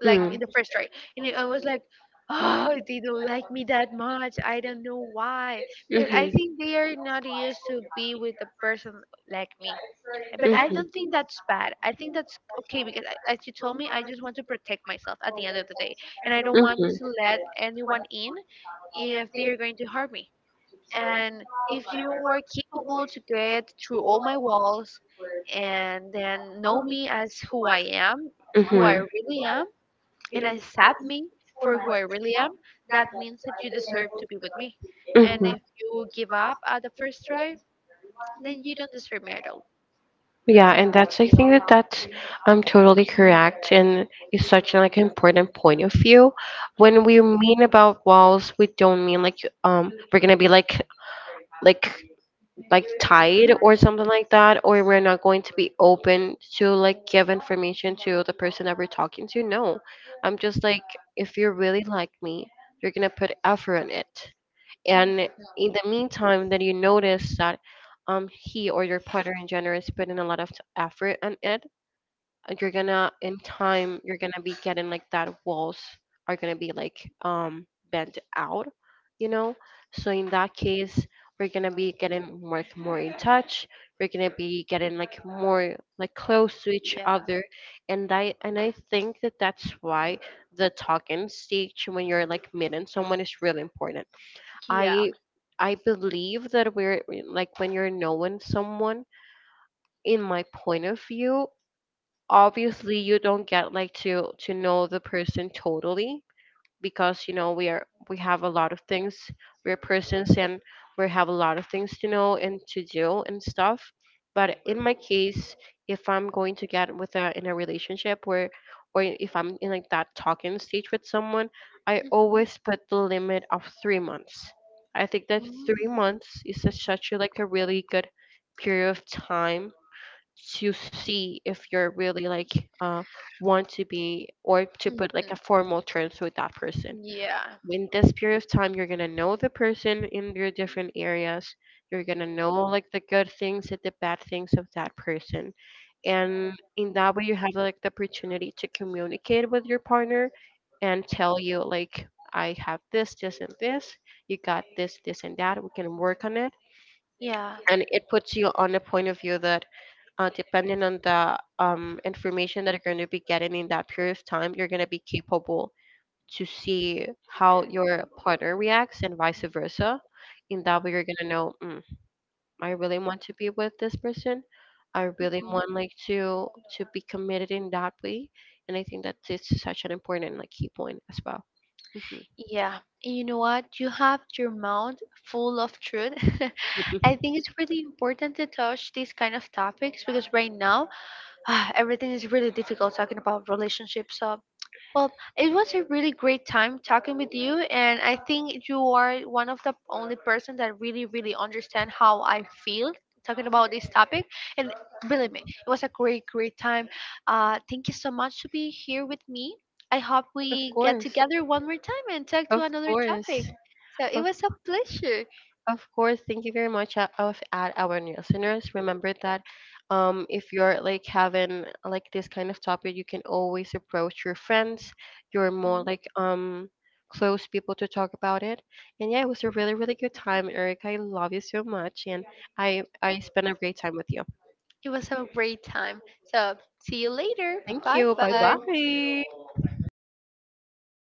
A: like
B: Mm-hmm.
A: in the first try. And I was like, oh, they don't like me that much. I don't know why. Because I
B: Mhm.
A: think they are not used to be with a person like me.
B: Mhm.
A: But I
B: Mhm.
A: don't think that's bad. I think that's okay because, I- as you told me, I just want to protect myself at the end of the day. And I don't want
B: Mhm.
A: to let anyone in if they are going to harm me. And if you were capable to get through all my walls and then know me as who I am, who I really am, and accept me for who I really am, that means that you deserve to be with me. And
B: Mhm.
A: if you give up at the first try, then you don't deserve me at all.
B: Yeah, and that's, I think that that's um totally correct, and it's such an like important point of view. When we mean about walls, we don't mean like um we're gonna be like like like tied or
A: Mhm.
B: something like that, or we're not going to be open to like give information to the person that we're talking to, no. I'm just like, if you really like me, you're gonna put effort in it.
A: Mhm.
B: And in the meantime then you notice that um he or your partner in general is putting a lot of t- effort on it, uh, you're gonna in time you're gonna be getting like that walls are gonna be like um bent out, you know? So in that case, we're gonna be getting more more in touch, we're gonna be getting like more like close to each
A: Yeah.
B: other. And i and i think that that's why the talking stage when you're like meeting someone is really important.
A: Yeah.
B: I i believe that we're like, when you're knowing someone, in my point of view, obviously you don't get like to to know the person totally, because you know we are we have a lot of things, we're persons, and we have a lot of things to know and to do and stuff. But in my case, if I'm going to get with a in a relationship where, or if I'm in like that talking stage with someone, I
A: Mhm.
B: always put the limit of three months. I think that three months is a, such a, like a really good period of time to see if you're really like, uh, want to be, or to
A: Mm.
B: put like a
A: Mhm.
B: formal terms with that person.
A: Yeah.
B: In this period of time you're gonna know the person in your different areas, you're gonna know like the good things and the bad things of that person. And in that way you have like the opportunity to communicate with your partner, and tell you like, I have this this and this, you got this this and that, we can work on it.
A: Yeah.
B: And it puts you on a point of view that, uh, depending on the um, information that you're going to be getting in that period of time, you're going to be capable to see how your partner reacts and vice versa. In that way you're going to know, mm, I really want to be with this person, I really
A: Mhm.
B: want like to to be committed in that way. And I think that this is such an important like key point as well. hmm
A: Yeah, and you know what? You have your mouth full of truth. I think it's really important to touch these kind of topics because right now, everything is really difficult talking about relationships. So, well, it was a really great time talking with you, and I think you are one of the only person that really, really understand how I feel talking about this topic. And believe me, it was a great, great time. Uh, thank you so much to be here with me. I hope
B: of
A: we get
B: course,
A: together one more time and talk to
B: of
A: another topic.
B: course,
A: So it
B: of
A: was a pleasure.
B: of course, thank you very much, uh, of at our new listeners. Remember that um, if you're like having like this kind of topic, you can always approach your friends, your more
A: Mm,
B: like um close people to talk about it. And yeah, it was a really really good time, Eric. I love you so much, and I I spent a great time with you.
A: it was a great time. So see you later.
B: Thank
A: Bye
B: you. Bye
A: bye.
B: bye.